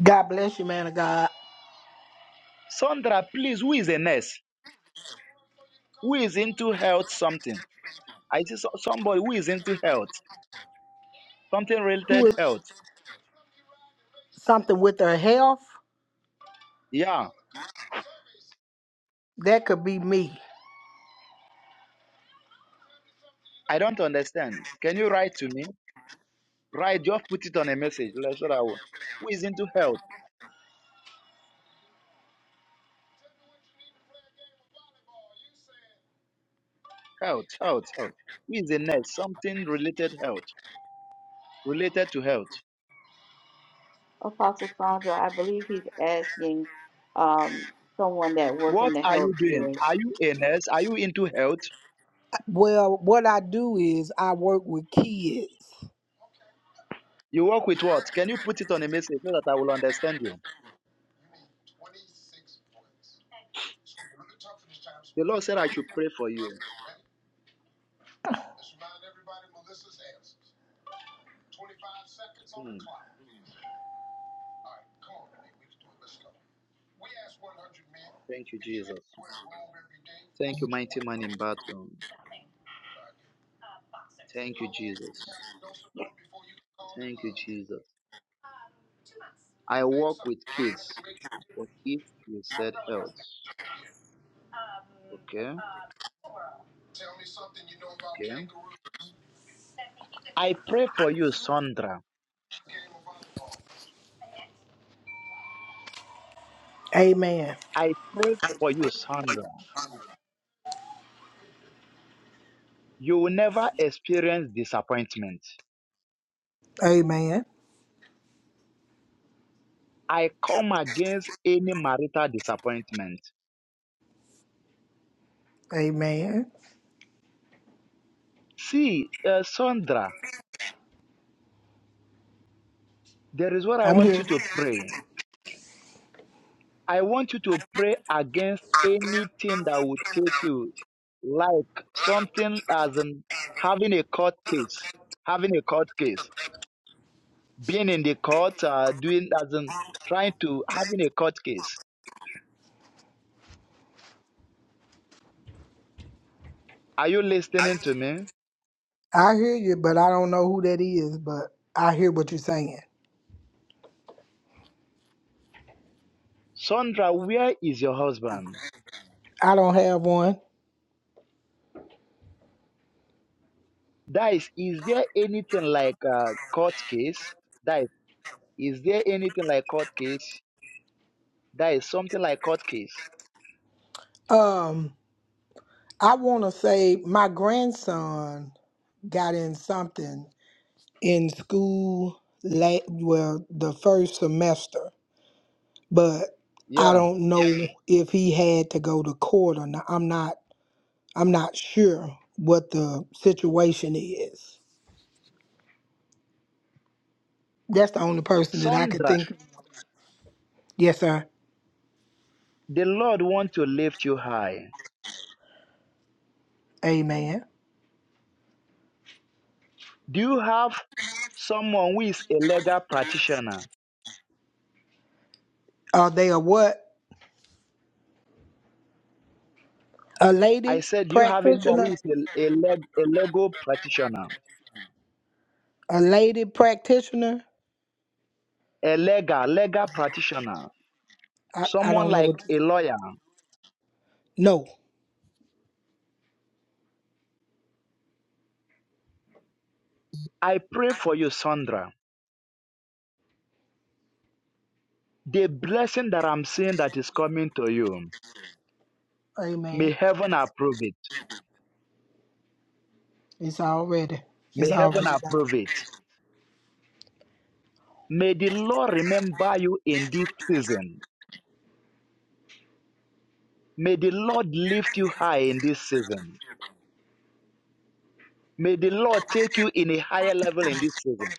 Speaker 4: God bless you, man of God.
Speaker 2: Sandra, please, who is a nurse? Who is into health something? I see so- somebody who is into health. Something
Speaker 4: Who
Speaker 2: related
Speaker 4: is
Speaker 2: health.
Speaker 4: something with her health?
Speaker 2: Yeah,
Speaker 4: That could be me.
Speaker 2: I don't understand. Can you write to me? Write, just put it on a message. Let's show that one. Who is into health? Health, health, health. Who is a nurse? Something related health, related to health.
Speaker 1: Apostle Sandra, I believe he's asking um someone that work in
Speaker 2: What
Speaker 1: the
Speaker 2: are
Speaker 1: health
Speaker 2: you doing?
Speaker 1: field.
Speaker 2: Are you a nurse? Are you into health?
Speaker 4: Well, what I do is I work with kids.
Speaker 2: You work with what? Can you put it on a message so that I will understand you? The Lord said I should pray for you. Hmm. Thank you, Jesus. Thank you, mighty man in battle. Thank you, Jesus. Thank you, Jesus. I work with kids. But if you said health? Okay. Okay. I pray for you, Sandra.
Speaker 4: Amen.
Speaker 2: I pray for you, Sandra. You will never experience disappointment.
Speaker 4: Amen.
Speaker 2: I come against any marital disappointment.
Speaker 4: Amen.
Speaker 2: See, uh, Sandra, there is what I
Speaker 4: I'm
Speaker 2: want
Speaker 4: here.
Speaker 2: you to pray. I want you to pray against anything that would take you, like something as in having a court case, having a court case. being in the court, uh, doing doesn't trying to having a court case. Are you listening to me,
Speaker 4: I hear you, but I don't know who that is, but I hear what you're saying.
Speaker 2: Sandra? Where is your husband?
Speaker 4: I don't have one.
Speaker 2: That is, is there anything like a court case? That is, is there anything like court case? That is something like court case.
Speaker 4: Um, I want to say my grandson got in something in school la well, the first semester. but I
Speaker 2: Yeah,
Speaker 4: don't know if he had to go to court or not. I'm not I'm not sure what the situation is. That's the only person that I could
Speaker 2: Sandra,
Speaker 4: think. of. Yes, sir.
Speaker 2: the Lord want to lift you high.
Speaker 4: Amen.
Speaker 2: Do you have someone who is a legal practitioner?
Speaker 4: Are they a what? A
Speaker 2: I
Speaker 4: lady
Speaker 2: said, do you have anyone who
Speaker 4: practitioner?
Speaker 2: is a, a, leg, a legal practitioner?
Speaker 4: A lady practitioner?
Speaker 2: a legal legal practitioner
Speaker 4: I, I
Speaker 2: someone
Speaker 4: don't know
Speaker 2: like
Speaker 4: what.
Speaker 2: a lawyer.
Speaker 4: No.
Speaker 2: I pray for you, Sandra. The blessing that I'm seeing that is coming to you, may
Speaker 4: Amen.
Speaker 2: heaven approve it.
Speaker 4: It's already.
Speaker 2: May
Speaker 4: It's
Speaker 2: heaven
Speaker 4: already.
Speaker 2: approve it. May the Lord remember you in this season. May the Lord lift you high in this season. May the Lord take you in a higher level in this season.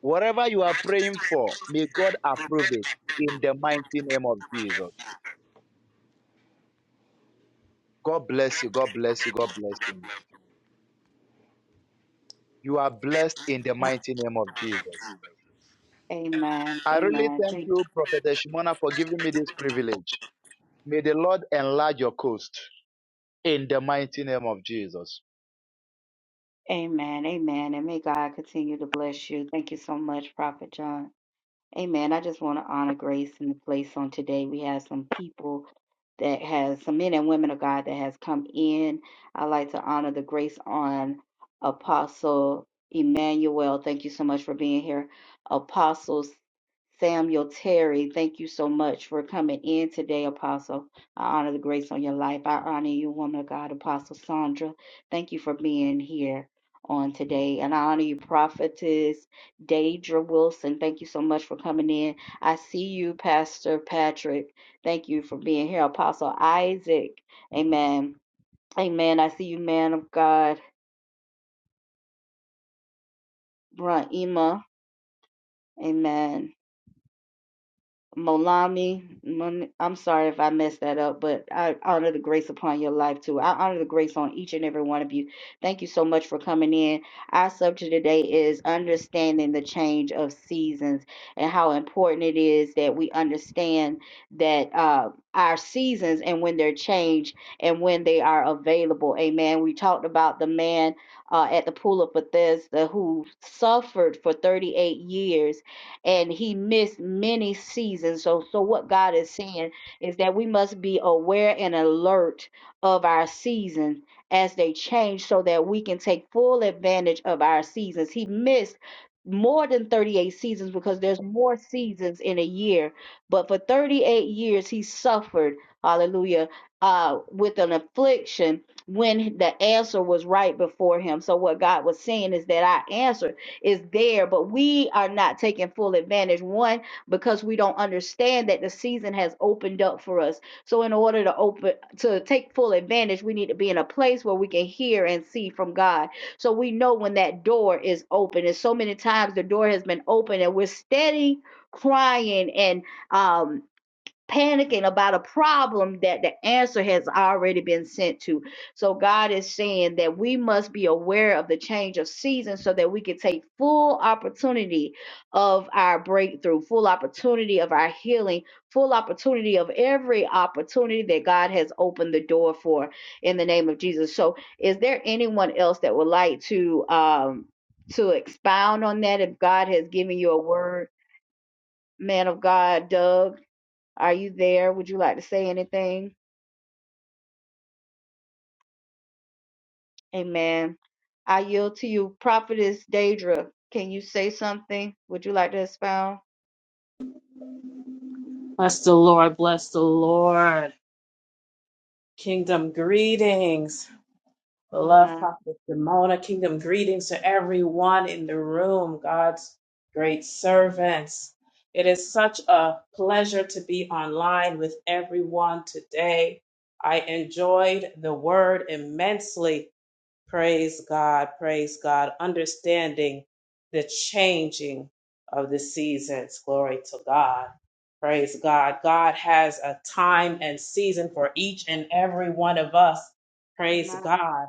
Speaker 2: Whatever you are praying for, may God approve it in the mighty name of Jesus. God bless you. God bless you. God bless you. You are blessed in the
Speaker 1: A-
Speaker 2: mighty name of Jesus.
Speaker 1: Amen.
Speaker 2: I really
Speaker 1: Amen.
Speaker 2: thank
Speaker 1: Thank
Speaker 2: you, Prophet Shimona, for giving me this privilege. May the Lord enlarge your coast in the mighty name of Jesus.
Speaker 1: Amen. Amen. And may God continue to bless you. Thank you so much, Prophet John. Amen. I just want to honor grace in the place on today. We have some people that has some men and women of God that has come in. I like to honor the grace on Apostle Emmanuel. Thank you so much for being here. Apostle Samuel Terry, thank you so much for coming in today, Apostle. I honor the grace on your life. I honor you, woman of God, Apostle Sandra. Thank you for being here on today. And I honor you, prophetess. Deidre Wilson, thank you so much for coming in. I see you, Pastor Patrick. Thank you for being here. Apostle Isaac, amen. Amen. I see you, man of God. Brunt Ema, amen. Molami, Mon- I'm sorry if I messed that up, but I honor the grace upon your life too. I honor the grace on each and every one of you. Thank you so much for coming in. Our subject today is understanding the change of seasons and how important it is that we understand that uh, our seasons and when they're changed and when they are available. Amen. We talked about the man uh, at the pool of Bethesda who suffered for 38 years and he missed many seasons. So, so what God is saying is that we must be aware and alert of our seasons as they change so that we can take full advantage of our seasons. He missed more than 38 seasons because there's more seasons in a year, but for 38 years he suffered, hallelujah, uh, with an affliction when the answer was right before him. So what God was saying is that I answered is there, but we are not taking full advantage. One, because we don't understand that the season has opened up for us. So in order to open to take full advantage, we need to be in a place where we can hear and see from God. So we know when that door is open. And so many times the door has been open and we're steady crying and um panicking about a problem that the answer has already been sent to. So God is saying that we must be aware of the change of season so that we can take full opportunity of our breakthrough, full opportunity of our healing, full opportunity of every opportunity that God has opened the door for in the name of Jesus. So is there anyone else that would like to um to expound on that if God has given you a word, man of God, Doug? Are you there? Would you like to say anything? Amen. I yield to you, Prophetess Daedra. Can you say something? Would you like to expound?
Speaker 3: Bless the Lord, bless the Lord. Kingdom greetings. Beloved
Speaker 1: Amen.
Speaker 3: Prophet Demona, kingdom greetings to everyone in the room, God's great servants. It is such a pleasure to be online with everyone today. I enjoyed the word immensely. Praise God, praise God, understanding the changing of the seasons. Glory to God. Praise God. God has a time and season for each and every one of us. Praise
Speaker 1: Amen.
Speaker 3: God.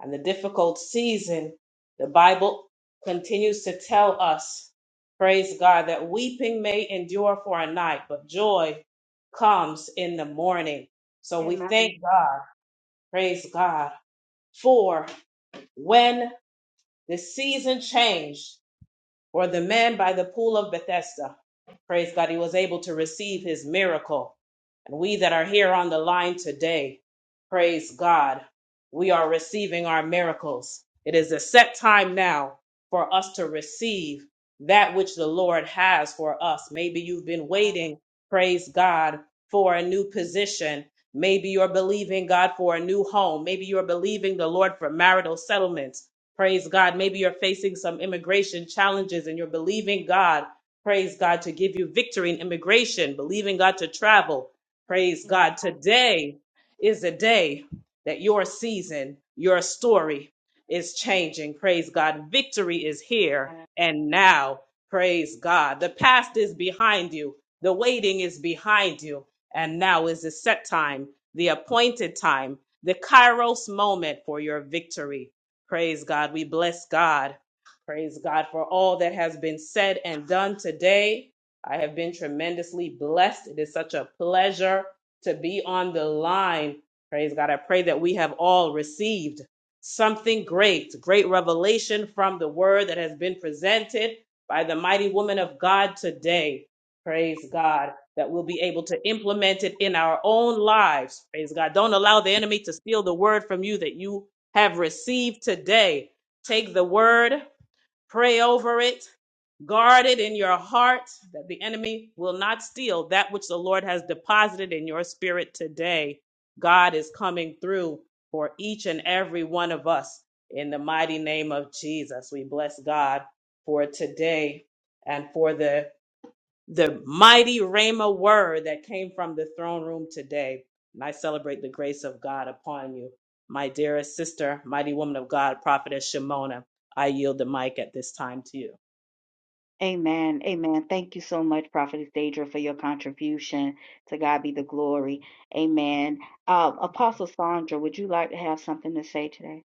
Speaker 3: And the difficult season, the Bible continues to tell us, praise God, that weeping may endure for a night, but joy comes in the morning. So we
Speaker 1: Amen.
Speaker 3: thank God, praise God, for when the season changed, or the man by the pool of Bethesda. Praise God, he was able to receive his miracle. And we that are here on the line today, praise God, we are receiving our miracles. It is a set time now for us to receive that which the Lord has for us. Maybe you've been waiting, praise God, for a new position. Maybe you're believing God for a new home. Maybe you're believing the Lord for marital settlements. Praise God. Maybe you're facing some immigration challenges and you're believing God, praise God, to give you victory in immigration, believing God to travel. Praise God. Today is a day that your season, your story is changing. Praise God. Victory is here
Speaker 1: Amen.
Speaker 3: and now. Praise God. The past is behind you, the waiting is behind you, and now is the set time, the appointed time, the kairos moment for your victory. Praise God. We bless God. Praise God for all that has been said and done today. I have been tremendously blessed. It is such a pleasure to be on the line. Praise God. I pray that we have all received something great, great revelation from the word that has been presented by the mighty woman of God today. Praise God. That we'll be able to implement it in our own lives. Praise God. Don't allow the enemy to steal the word from you that you have received today. Take the word, pray over it, guard it in your heart that the enemy will not steal that which the Lord has deposited in your spirit today. God is coming through for each and every one of us in the mighty name of Jesus. We bless God for today and for the the mighty Rhema word that came from the throne room today. And I celebrate the grace of God upon you. My dearest sister, mighty woman of God, prophetess Shimona, I yield the mic at this time to you.
Speaker 1: Amen. Amen. Thank you so much, Prophetess Daedra, for your contribution. To God be the glory. Amen. Uh, Apostle Sandra, would you like to have something to say today?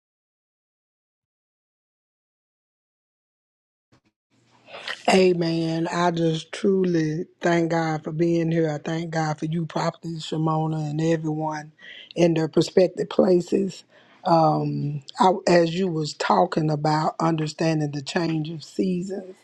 Speaker 4: Amen. I just truly thank God for being here. I thank God for you, Prophet Shimona, and everyone in their prospective places. Um, I, as you was talking about understanding the change of seasons,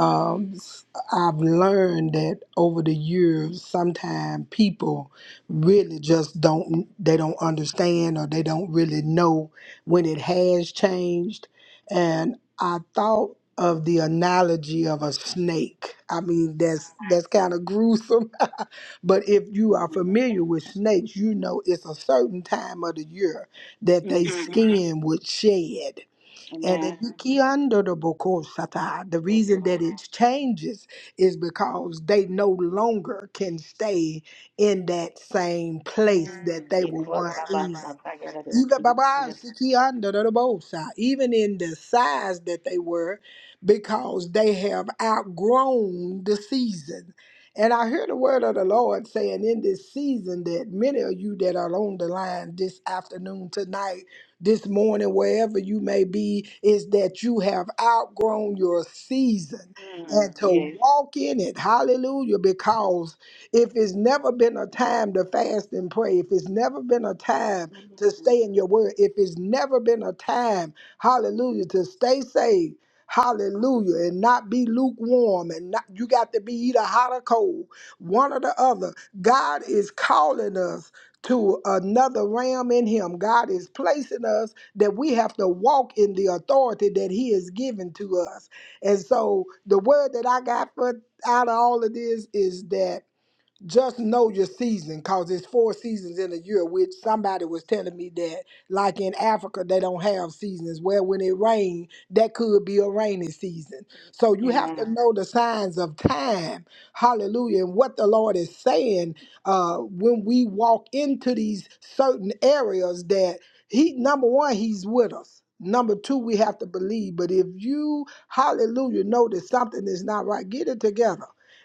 Speaker 4: um, s- I've learned that over the years, sometimes people really just don't they don't understand or they don't really know when it has changed. And I thought of the analogy of a snake. I mean, that's that's kind of gruesome, but if you
Speaker 1: Mhm.
Speaker 4: are familiar with snakes, you know it's a certain time of the year that they Mhm.
Speaker 1: Mhm.
Speaker 4: skin would shed and the
Speaker 1: Amen.
Speaker 4: Ikiando de Bokosata, the
Speaker 1: Yes,
Speaker 4: reason that
Speaker 1: Lord.
Speaker 4: it changes is because they no longer can stay in that same place that they were once in. Even Baba
Speaker 1: Mm.
Speaker 4: Sikianda the Bosa, even in the size that they were, because they have outgrown the season. And I hear the word of the Lord saying in this season that many of you that are on the line this afternoon, tonight, this morning, wherever you may be, is that you have outgrown your season
Speaker 1: Mm,
Speaker 4: and to
Speaker 1: yes.
Speaker 4: walk in it. Hallelujah. Because if it's never been a time to fast and pray, if it's never been a time to
Speaker 1: Mm,
Speaker 4: stay in your word. If it's never been a time, hallelujah, to stay saved, hallelujah, and not be lukewarm, and not, you got to be either hot or cold, one or the other. God is calling us to another realm in Him. God is placing us that we have to walk in the authority that He has given to us. And so the word that I got for out of all of this is that just know your season because it's four seasons in a year which somebody was telling me that like in africa they don't have seasons well when it rains that could be a rainy season so you have
Speaker 1: amen.
Speaker 4: to know the signs of time hallelujah and what the lord is saying uh, when we walk into these certain areas that he number one he's with us Number two, we have to believe. But if you, hallelujah, know that something is not right, get it together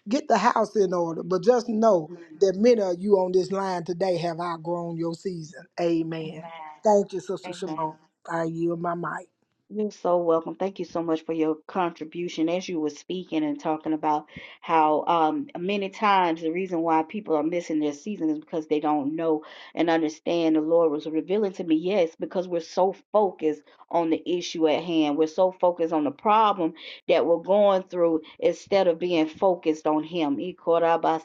Speaker 4: Get the house in order. But just know
Speaker 1: Mhm.
Speaker 4: that many of you on this line today have outgrown your season. Amen.
Speaker 1: Amen.
Speaker 4: Thank you, Sister
Speaker 1: Amen.
Speaker 4: Shimon. I yield my mic.
Speaker 1: You're so welcome. Thank you so much for your contribution as you were speaking and talking about how um, many times the reason why people are missing their season is because they don't know and understand. The Lord was revealing to me, yes, because we're so focused on the issue at hand. We're so focused on the problem that we're going through instead of being focused on Him. Because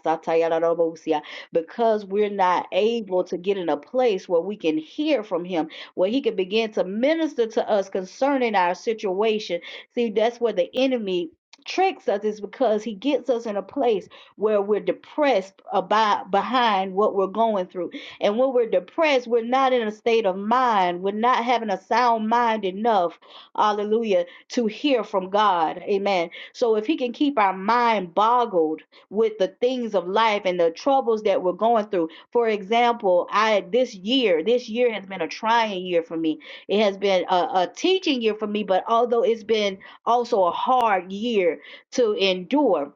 Speaker 1: we're not able to get in a place where we can hear from Him where he can begin to minister to us concerning our situation. See, that's where the enemy tricks us is because he gets us in a place where we're depressed about behind what we're going through and when we're depressed we're not in a state of mind we're not having a sound mind enough hallelujah to hear from god amen so if he can keep our mind boggled with the things of life and the troubles that we're going through for example, I this year, this year has been a trying year for me. It has been a, a teaching year for me, but although it's been also a hard year to endure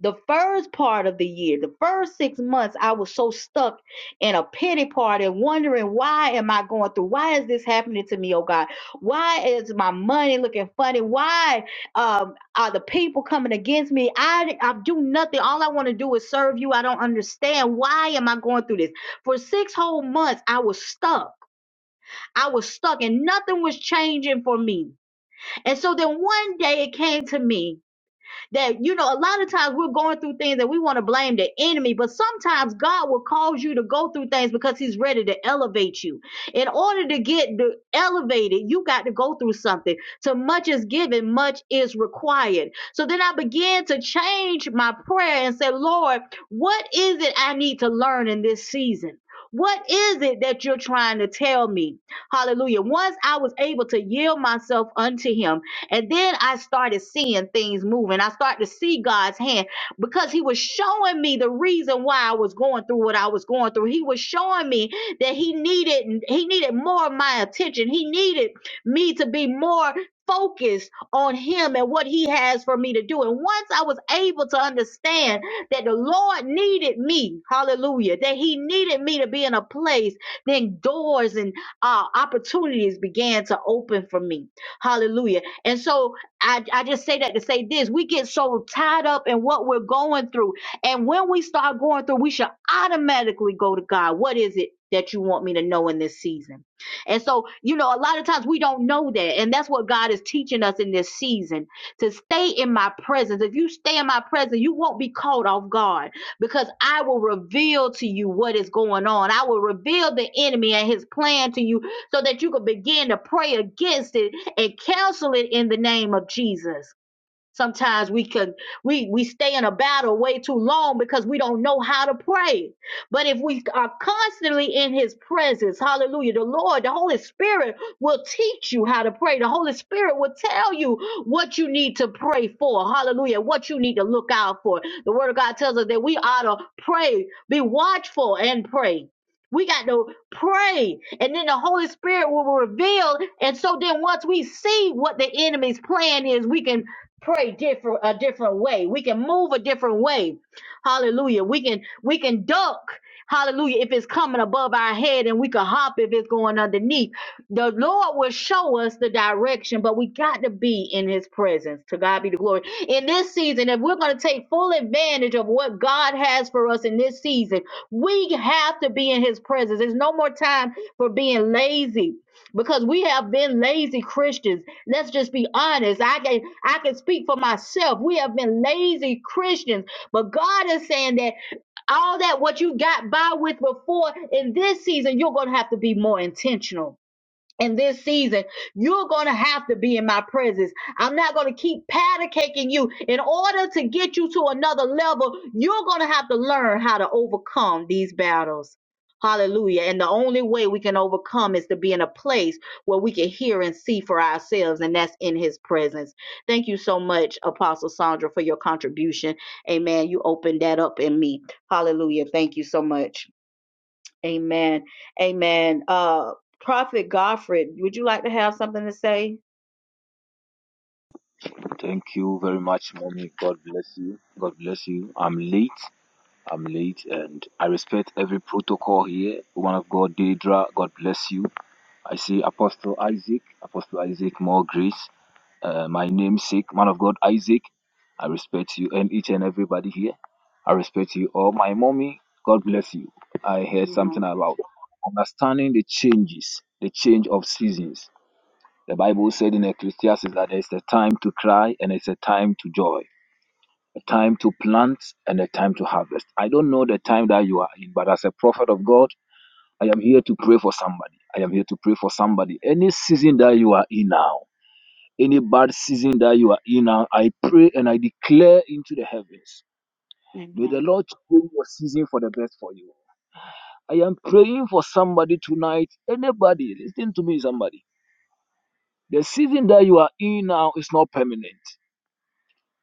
Speaker 1: the first part of the year, the first six months, I was so stuck in a pity party and wondering why am I going through? Why is this happening to me, oh God? Why is my money looking funny? Why um, are the people coming against me? I, I do nothing. All I want to do is serve you. I don't understand. Why am I going through this? For six whole months, I was stuck. I was stuck and nothing was changing for me. And so then one day it came to me that you know a lot of times we're going through things and we want to blame the enemy but sometimes god will cause you to go through things because he's ready to elevate you in order to get the elevated you got to go through something so much is given much is required so then i began to change my prayer and say lord what is it i need to learn in this season what is it that you're trying to tell me? Hallelujah. Once I was able to yield myself unto him, and then I started seeing things moving. I started to see God's hand because He was showing me the reason why I was going through what I was going through. He was showing me that He needed He needed more of my attention. He needed me to be more focused on him and what he has for me to do. And once I was able to understand that the Lord needed me, hallelujah, that he needed me to be in a place, then doors and uh, opportunities began to open for me. Hallelujah. And so I, I just say that to say this we get so tied up in what we're going through. And when we start going through, we should automatically go to God. What is it that you want me to know in this season? And so, you know, a lot of times we don't know that. And that's what God is teaching us in this season to stay in my presence. If you stay in my presence, you won't be caught off guard because I will reveal to you what is going on. I will reveal the enemy and his plan to you so that you can begin to pray against it and counsel it in the name of Jesus. Sometimes we can we we stay in a battle way too long because we don't know how to pray. But if we are constantly in his presence, hallelujah, the Lord, the Holy Spirit will teach you how to pray. The Holy Spirit will tell you what you need to pray for. Hallelujah. What you need to look out for. The word of God tells us that we ought to pray, be watchful and pray. We got to pray, and then the Holy Spirit will reveal. And so then, once we see what the enemy's plan is, we can pray different a different way we can move a different way hallelujah we can we can duck hallelujah if it's coming above our head and we can hop if it's going underneath the lord will show us the direction but we got to be in his presence to god be the glory in this season if we're going to take full advantage of what god has for us in this season we have to be in his presence there's no more time for being lazy because we have been lazy christians Let's just be honest. I can I can speak for myself. We have been lazy Christians, but God is saying that all that what you got by with before in this season, you're gonna have to be more intentional in this season, you're going to have to be in my presence. I'm not going to keep powder caking you. In order to get you to another level, you're going to have to learn how to overcome these battles. Hallelujah. And the only way we can overcome is to be in a place where we can hear and see for ourselves, and that's in his presence. Thank you so much, Apostle Sandra, for your contribution. Amen. You opened that up in me. Hallelujah. Thank you so much. Amen. Amen. Uh, Prophet Godfrey, would you like to have something to say?
Speaker 5: Thank you very much, mommy. God bless you. God bless you. I'm late. I'm late, and I respect every protocol here. One of God, Deidra. God bless you. I see Apostle Isaac. Apostle Isaac, more grace. Uh, my namesake, man of God, Isaac. I respect you and each and everybody here. I respect you all. My mommy, God bless you. I heard something
Speaker 1: Amen.
Speaker 5: about understanding the changes, the change of seasons the Bible said in Ecclesiastes that it's a time to cry and it's a time to joy, a time to plant and a time to harvest. I don't know the time that you are in, but as a prophet of God, I am here to pray for somebody. I am here to pray for somebody. Any season that you are in now, any bad season that you are in now, I pray and I declare into the heavens. May the
Speaker 1: Amen.
Speaker 5: Lord change your season for the best for you. I am praying for somebody tonight. Anybody, listen to me, somebody. The season that you are in now is not permanent.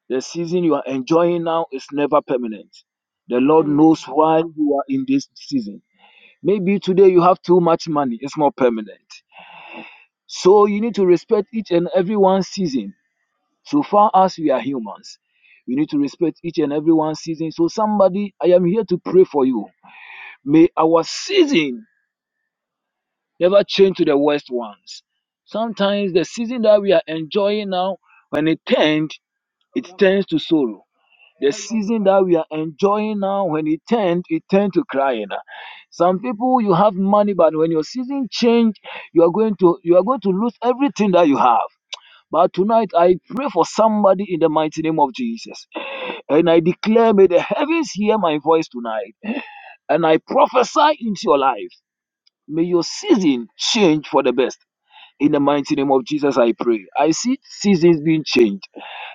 Speaker 5: The season you are enjoying now is never permanent. The Lord
Speaker 1: Amen.
Speaker 5: knows why you are in this season. Maybe today you have too much money, it's not permanent. So you need to respect each and everyone's season. So far as we are humans, we need to respect each and everyone's season. So, somebody, I am here to pray for you. May our season never change to the worst ones. Sometimes the season that we are enjoying now, when it turns, it turns to sorrow The season that we are enjoying now, when it turned, it turned to crying. Some people you have money, but when your season change, you are going to you are going to lose everything that you have. But tonight I pray for somebody in the mighty name of Jesus. And I declare, may the heavens hear my voice tonight. And I prophesy into your life. May your season change for the best. In the mighty name of Jesus, I pray. I see seasons being changed,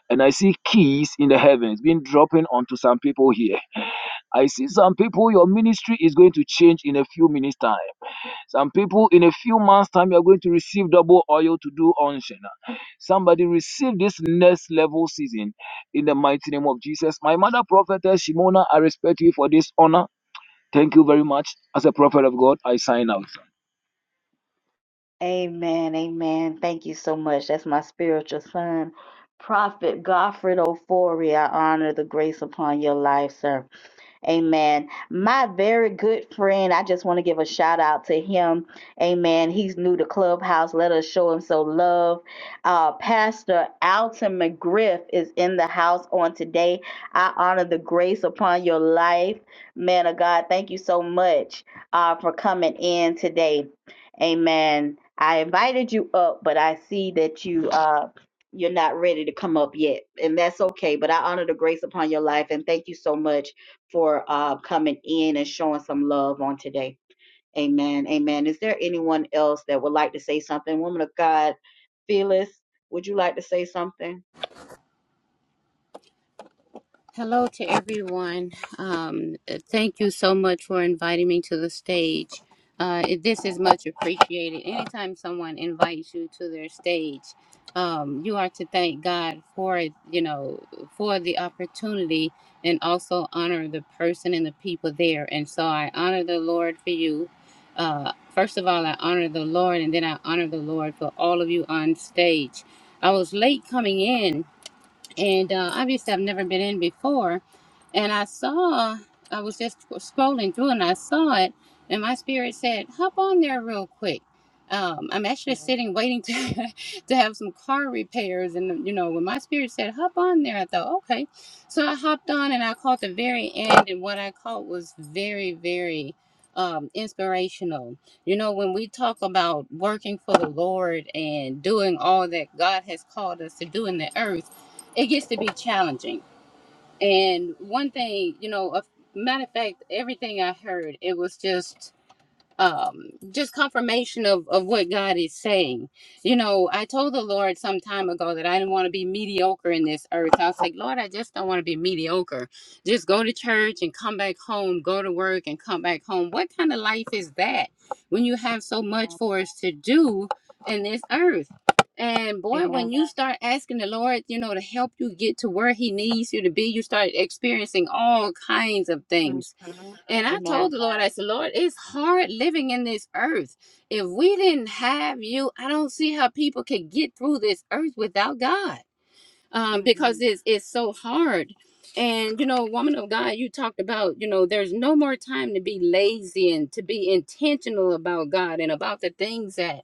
Speaker 5: and I see keys in the heavens being dropping onto some people here. I see some people, your ministry is going to change in a few minutes' time. Some people, in a few months' time, you're going to receive double oil to do unction. Somebody receive this next level season in the mighty name of Jesus. My mother, prophetess Shimona, I respect you for this honor. Thank you very much. As a prophet of God, I sign out.
Speaker 1: Amen. Amen. Thank you so much. That's my spiritual son, Prophet Godfred Ofori. I honor the grace upon your life, sir. Amen. My very good friend, I just want to give a shout out to him. Amen. He's new to Clubhouse. Let us show him some love. Uh, Pastor Alton McGriff is in the house on today. I honor the grace upon your life. Man of God, thank you so much uh, for coming in today. Amen. I invited you up, but I see that you uh, you're not ready to come up yet, and that's okay. But I honor the grace upon your life, and thank you so much for uh, coming in and showing some love on today. Amen. Amen. Is there anyone else that would like to say something? Woman of God, Phyllis, would you like to say something?
Speaker 6: Hello to everyone. Um, uh, thank you so much for inviting me to the stage. Uh, it- this is much appreciated. Anytime someone invites you to their stage, um, you are to thank God for it, you know, for the opportunity and also honor the person and the people there. And so I honor the Lord for you. Uh, first of all, I honor the Lord and then I honor the Lord for all of you on stage. I was late coming in and uh, obviously I've never been in before. And I saw, I was just scrolling through and I saw it, and my spirit said, "Hop on there real quick." Um, I'm actually sitting waiting to to have some car repairs, and you know, when my spirit said, "Hop on there," I thought, "Okay." So I hopped on and I caught the very end, and what I caught was very, very um, inspirational. You know, when we talk about working for the Lord and doing all that God has called us to do in the earth it gets to be challenging. And one thing, you know, a matter of fact, everything I heard, it was just um just confirmation of of what god is saying you know i told the lord some time ago that i didn't want to be mediocre in this earth i was like lord i just don't want to be mediocre just go to church and come back home go to work and come back home what kind of life is that when you have so much for us to do in this earth and boy
Speaker 1: Amen.
Speaker 6: when you start asking the lord you know to help you get to where he needs you to be you start experiencing all kinds of
Speaker 1: Amen. Mhm.
Speaker 6: things and I told
Speaker 1: Amen.
Speaker 6: the Lord, I said, Lord, it's hard living in this earth. If we didn't have you, I don't see how people could get through this earth without God um,
Speaker 1: hmm
Speaker 6: because it's it's so hard. And you know, woman of God, you talked about you know there's no more time to be lazy and to be intentional about God and about the things that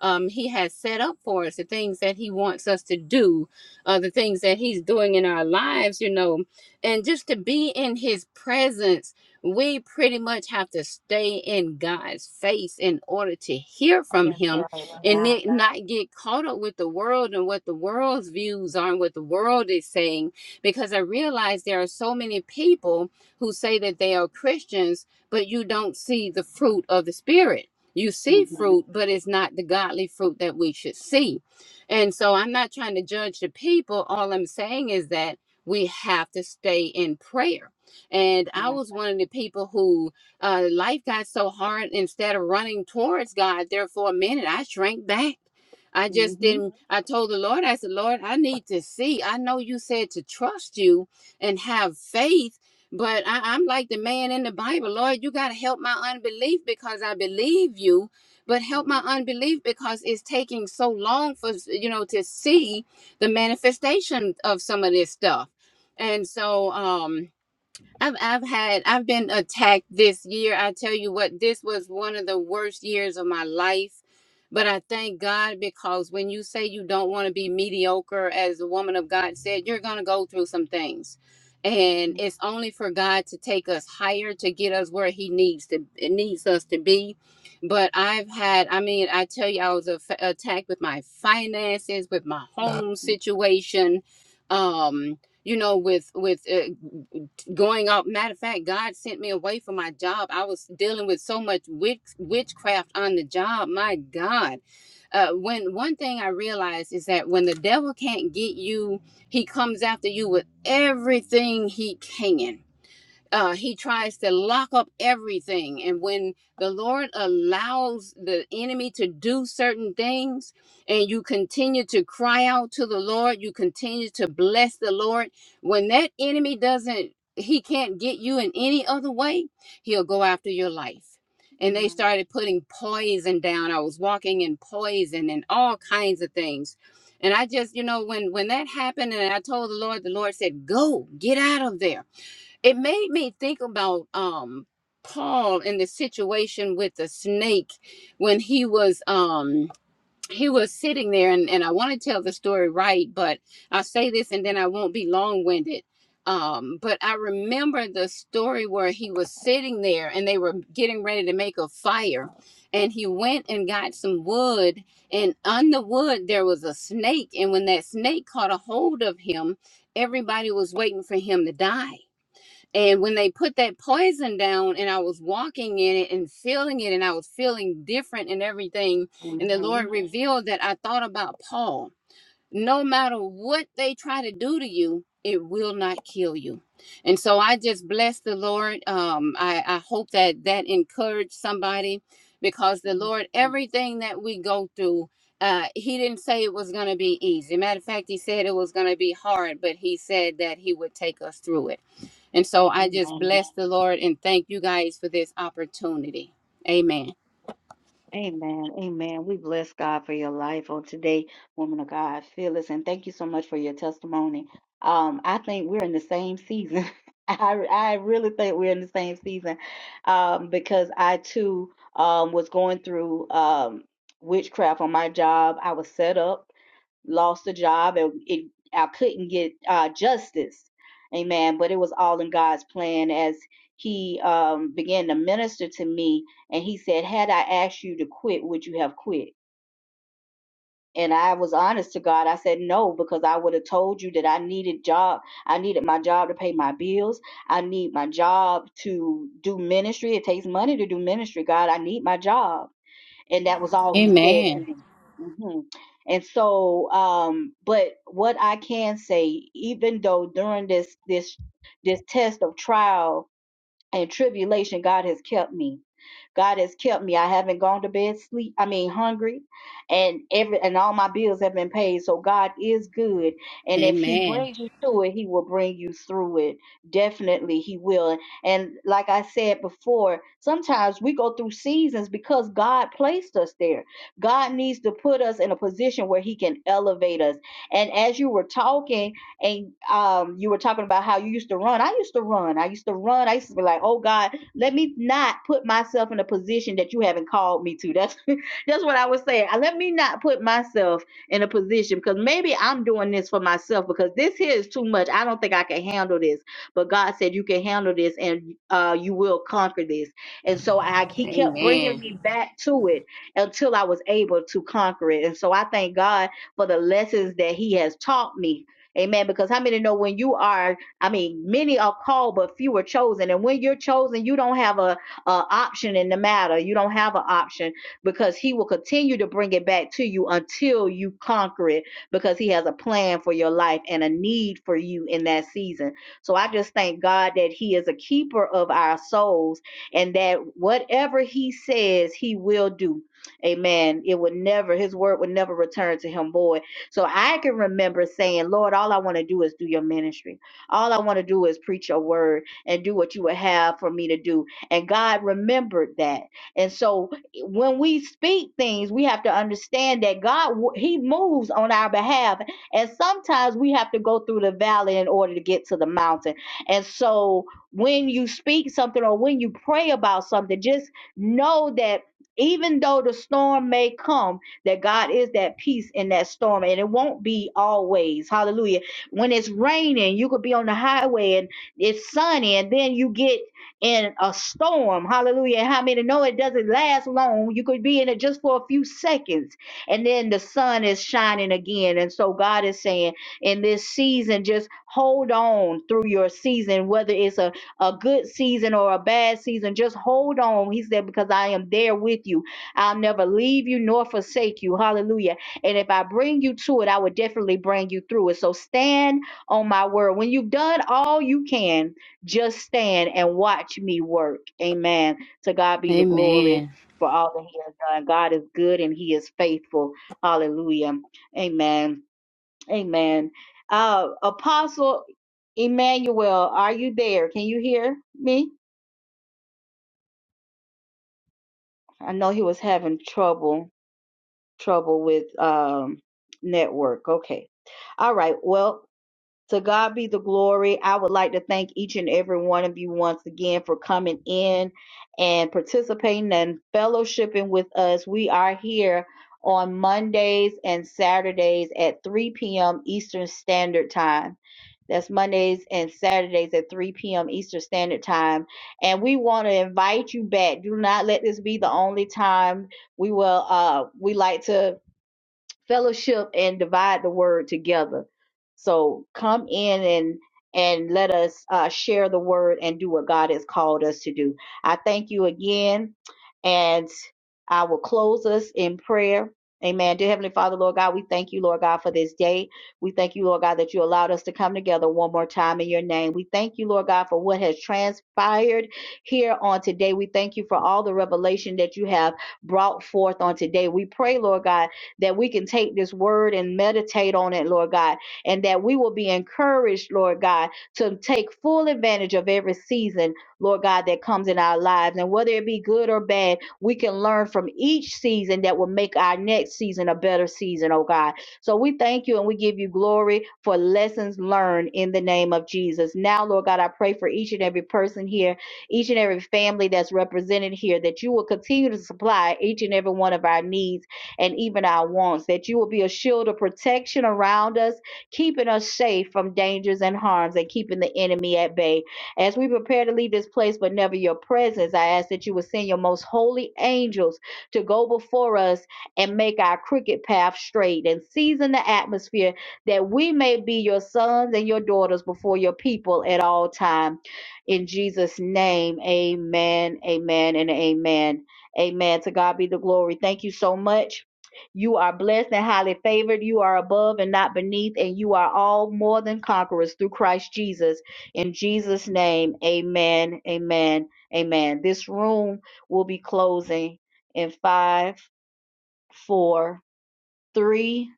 Speaker 6: um, He has set up for us, the things that He wants us to do, uh, the things that He's doing in our lives. You know, and just to be in His presence. We pretty much have to stay in God's face in order to hear from
Speaker 1: That's
Speaker 6: Him
Speaker 1: right.
Speaker 6: and
Speaker 1: Amen.
Speaker 6: it not get caught up with the world and what the world's views are and what the world is saying. Because I realize there are so many people who say that they are Christians, but you don't see the fruit of the Spirit. You see
Speaker 1: Mm-hmm.
Speaker 6: fruit, but it's not the godly fruit that we should see. And so I'm not trying to judge the people. All I'm saying is that we have to stay in prayer. And I
Speaker 1: Amen.
Speaker 6: was one of the people who uh, life got so hard. Instead of running towards God, there for a minute, I shrank back. I just
Speaker 1: Mm-hmm.
Speaker 6: didn't. I told the Lord, I said, Lord, I need to see. I know you said to trust you and have faith, but I, I'm like the man in the Bible. Lord, you got to help my unbelief because I believe you, but help my unbelief because it's taking so long for, you know, to see the manifestation of some of this stuff. And so, um, I've I've had I've been attacked this year. I tell you what, this was one of the worst years of my life. But I thank God because when you say you don't want to be mediocre, as the woman of God said, you're gonna go through some things. And
Speaker 1: Mm-hmm.
Speaker 6: it's only for God to take us higher to get us where He needs to needs us to be. But I've had, I mean, I tell you, I was a attacked with my finances, with my home situation, um, you know, with with uh, going off. Matter of fact, God sent me away from my job. I was dealing with so much witch, witchcraft on the job. My God. Uh, when one thing I realized is that when the devil can't get you, he comes after you with everything he can uh, he tries to lock up everything. And when the Lord allows the enemy to do certain things, and you continue to cry out to the Lord, you continue to bless the Lord, when that enemy doesn't, he can't get you in any other way, he'll go after your life. And they
Speaker 1: Mm-hmm.
Speaker 6: started putting poison down. I was walking in poison and all kinds of things. And I just, you know, when when that happened and I told the Lord, the Lord said, "Go, get out of there." it made me think about um Paul in the situation with the snake when he was um he was sitting there and, and I want to tell the story right, but I'll say this and then I won't be long winded. Um, but I remember the story where he was sitting there and they were getting ready to make a fire and he went and got some wood and on the wood there was a snake and when that snake caught a hold of him, everybody was waiting for him to die and when they put that poison down, and I was walking in it and feeling it, and I was feeling different and everything, and the Lord revealed that I thought about Paul. No matter what they try to do to you, it will not kill you. And so I just bless the Lord. Um, I, I hope that that encouraged somebody because the Lord,
Speaker 1: Mm-hmm.
Speaker 6: everything that we go through, uh, He didn't say it was going to be easy. Matter of fact, He said it was going to be hard, but He said that He would take us through it. And so I just
Speaker 1: Amen.
Speaker 6: bless the Lord and thank you guys for this opportunity. Amen.
Speaker 1: Amen. Amen. We bless God for your life on today, woman of God, Phyllis, and thank you so much for your testimony. Um, I think we're in the same season. I I really think we're in the same season, um, because I too um was going through um witchcraft on my job. I was set up lost a job and it, I couldn't get uh, justice. Amen. But it was all in God's plan as he um, began to minister to me. And he said, Had I asked you to quit, would you have quit? And I was honest to God. I said no because I would have told you that I needed job. I needed my job to pay my bills. I need my job to do ministry. It takes money to do ministry, God. I need my job and that was all he said to
Speaker 6: Amen.
Speaker 1: me. hmm And so, um, but what I can say, even though during this this this test of trial, in tribulation, God has kept me. God has kept me. I haven't gone to bed sleep. I mean, hungry, and every and all my bills have been paid. So God is good, and if He
Speaker 6: Amen.
Speaker 1: brings you through it, He will bring you through it. Definitely, He will. And like I said before, sometimes we go through seasons because God placed us there. God needs to put us in a position where He can elevate us. And as you were talking and um, you were talking about how you used to run. I used to run. I used to run. I used to be like, oh God, let me not put myself in a position that you haven't called me to. That's that's what I was saying. I- Let me not put myself in a position because maybe I'm doing this for myself because this here is too much. I don't think I can handle this. But God said you can handle this and uh, you will conquer this. And so I, He kept bringing
Speaker 6: Amen.
Speaker 1: me back to it until I was able to conquer it. And so I thank God for the lessons that He has taught me Amen. Because how many know when you are, I mean, many are called, but few are chosen. And when you're chosen, you don't have a, a option in the matter. You don't have an option because he will continue to bring it back to you until you conquer it because he has a plan for your life and a need for you in that season. So I just thank God that he is a keeper of our souls and that whatever he says, he will do. Amen. It would never, his word would never return to him void. So I can remember saying, Lord, all I want to do is do your ministry. All I want to do is preach your word and do what you would have for me to do. And God remembered that. And so eh, when we speak things, we have to understand that God, He moves on our behalf. And sometimes we have to go through the valley in order to get to the mountain. And so when you speak something or when you pray about something, just know that even though the storm may come, that God is that peace in that storm, and it won't be always. Hallelujah. When it's raining, you could be on the highway and it's sunny, and then you get in a storm. Hallelujah. And How many know it doesn't last long? You could be in it just for a few seconds, and then the sun is shining again. And so God is saying, in this season, just hold on through your season, whether it's a a good season or a bad season, just hold on. He said, because I am there with you. I'll never leave you nor forsake you. Hallelujah. And if I bring you to it, I will definitely bring you through it. So stand on my word. When you've done all you can, just stand and watch me work. Amen. To God be the glory
Speaker 6: Amen.
Speaker 1: for all that He has done. God is good and He is faithful. Hallelujah. Amen. Amen. Uh, Apostle Emmanuel, are you there? Can you hear me? I know he was having trouble. trouble with um network. Okay. All right. Well, to God be the glory. I would like to thank each and every one of you once again for coming in and participating and fellowshipping with us. We are here on Mondays and Saturdays at 3 p.m. Eastern Standard Time. That's Mondays and Saturdays at 3 p.m. Eastern Standard Time. And we want to invite you back. Do not let this be the only time we will uh we like to fellowship and divide the word together. So come in and and let us uh, share the word and do what God has called us to do. I thank you again, and I will close us in prayer. Amen. Dear Heavenly Father, Lord God, we thank you, Lord God, for this day. We thank you, Lord God, that you allowed us to come together one more time in your name. We thank you, Lord God, for what has transpired here on today. We thank you for all the revelation that you have brought forth on today. We pray, Lord God, that we can take this word and meditate on it, Lord God, and that we will be encouraged, Lord God, to take full advantage of every season, Lord God, that comes in our lives. And whether it be good or bad, we can learn from each season that will make our next season a better season, oh God. So we thank you and we give you glory for lessons learned in the name of Jesus. Now, Lord God, I pray for each and every person here, each and every family that's represented here, that you will continue to supply each and every one of our needs and even our wants, that you will be a shield of protection around us, keeping us safe from dangers and harms and keeping the enemy at bay. As we prepare to leave this place, but never your presence, I ask that you would send your most holy angels to go before us and make our crooked path straight and season the atmosphere that we may be your sons and your daughters before your people at all time. In Jesus' name, amen, amen, and amen. Amen. To God be the glory. Thank you so much. You are blessed and highly favored. You are above and not beneath, and you are all more than conquerors through Christ Jesus. In Jesus' name, amen, amen, amen. This room will be closing in five, four, three,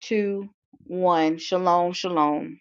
Speaker 1: two, one. Shalom, shalom.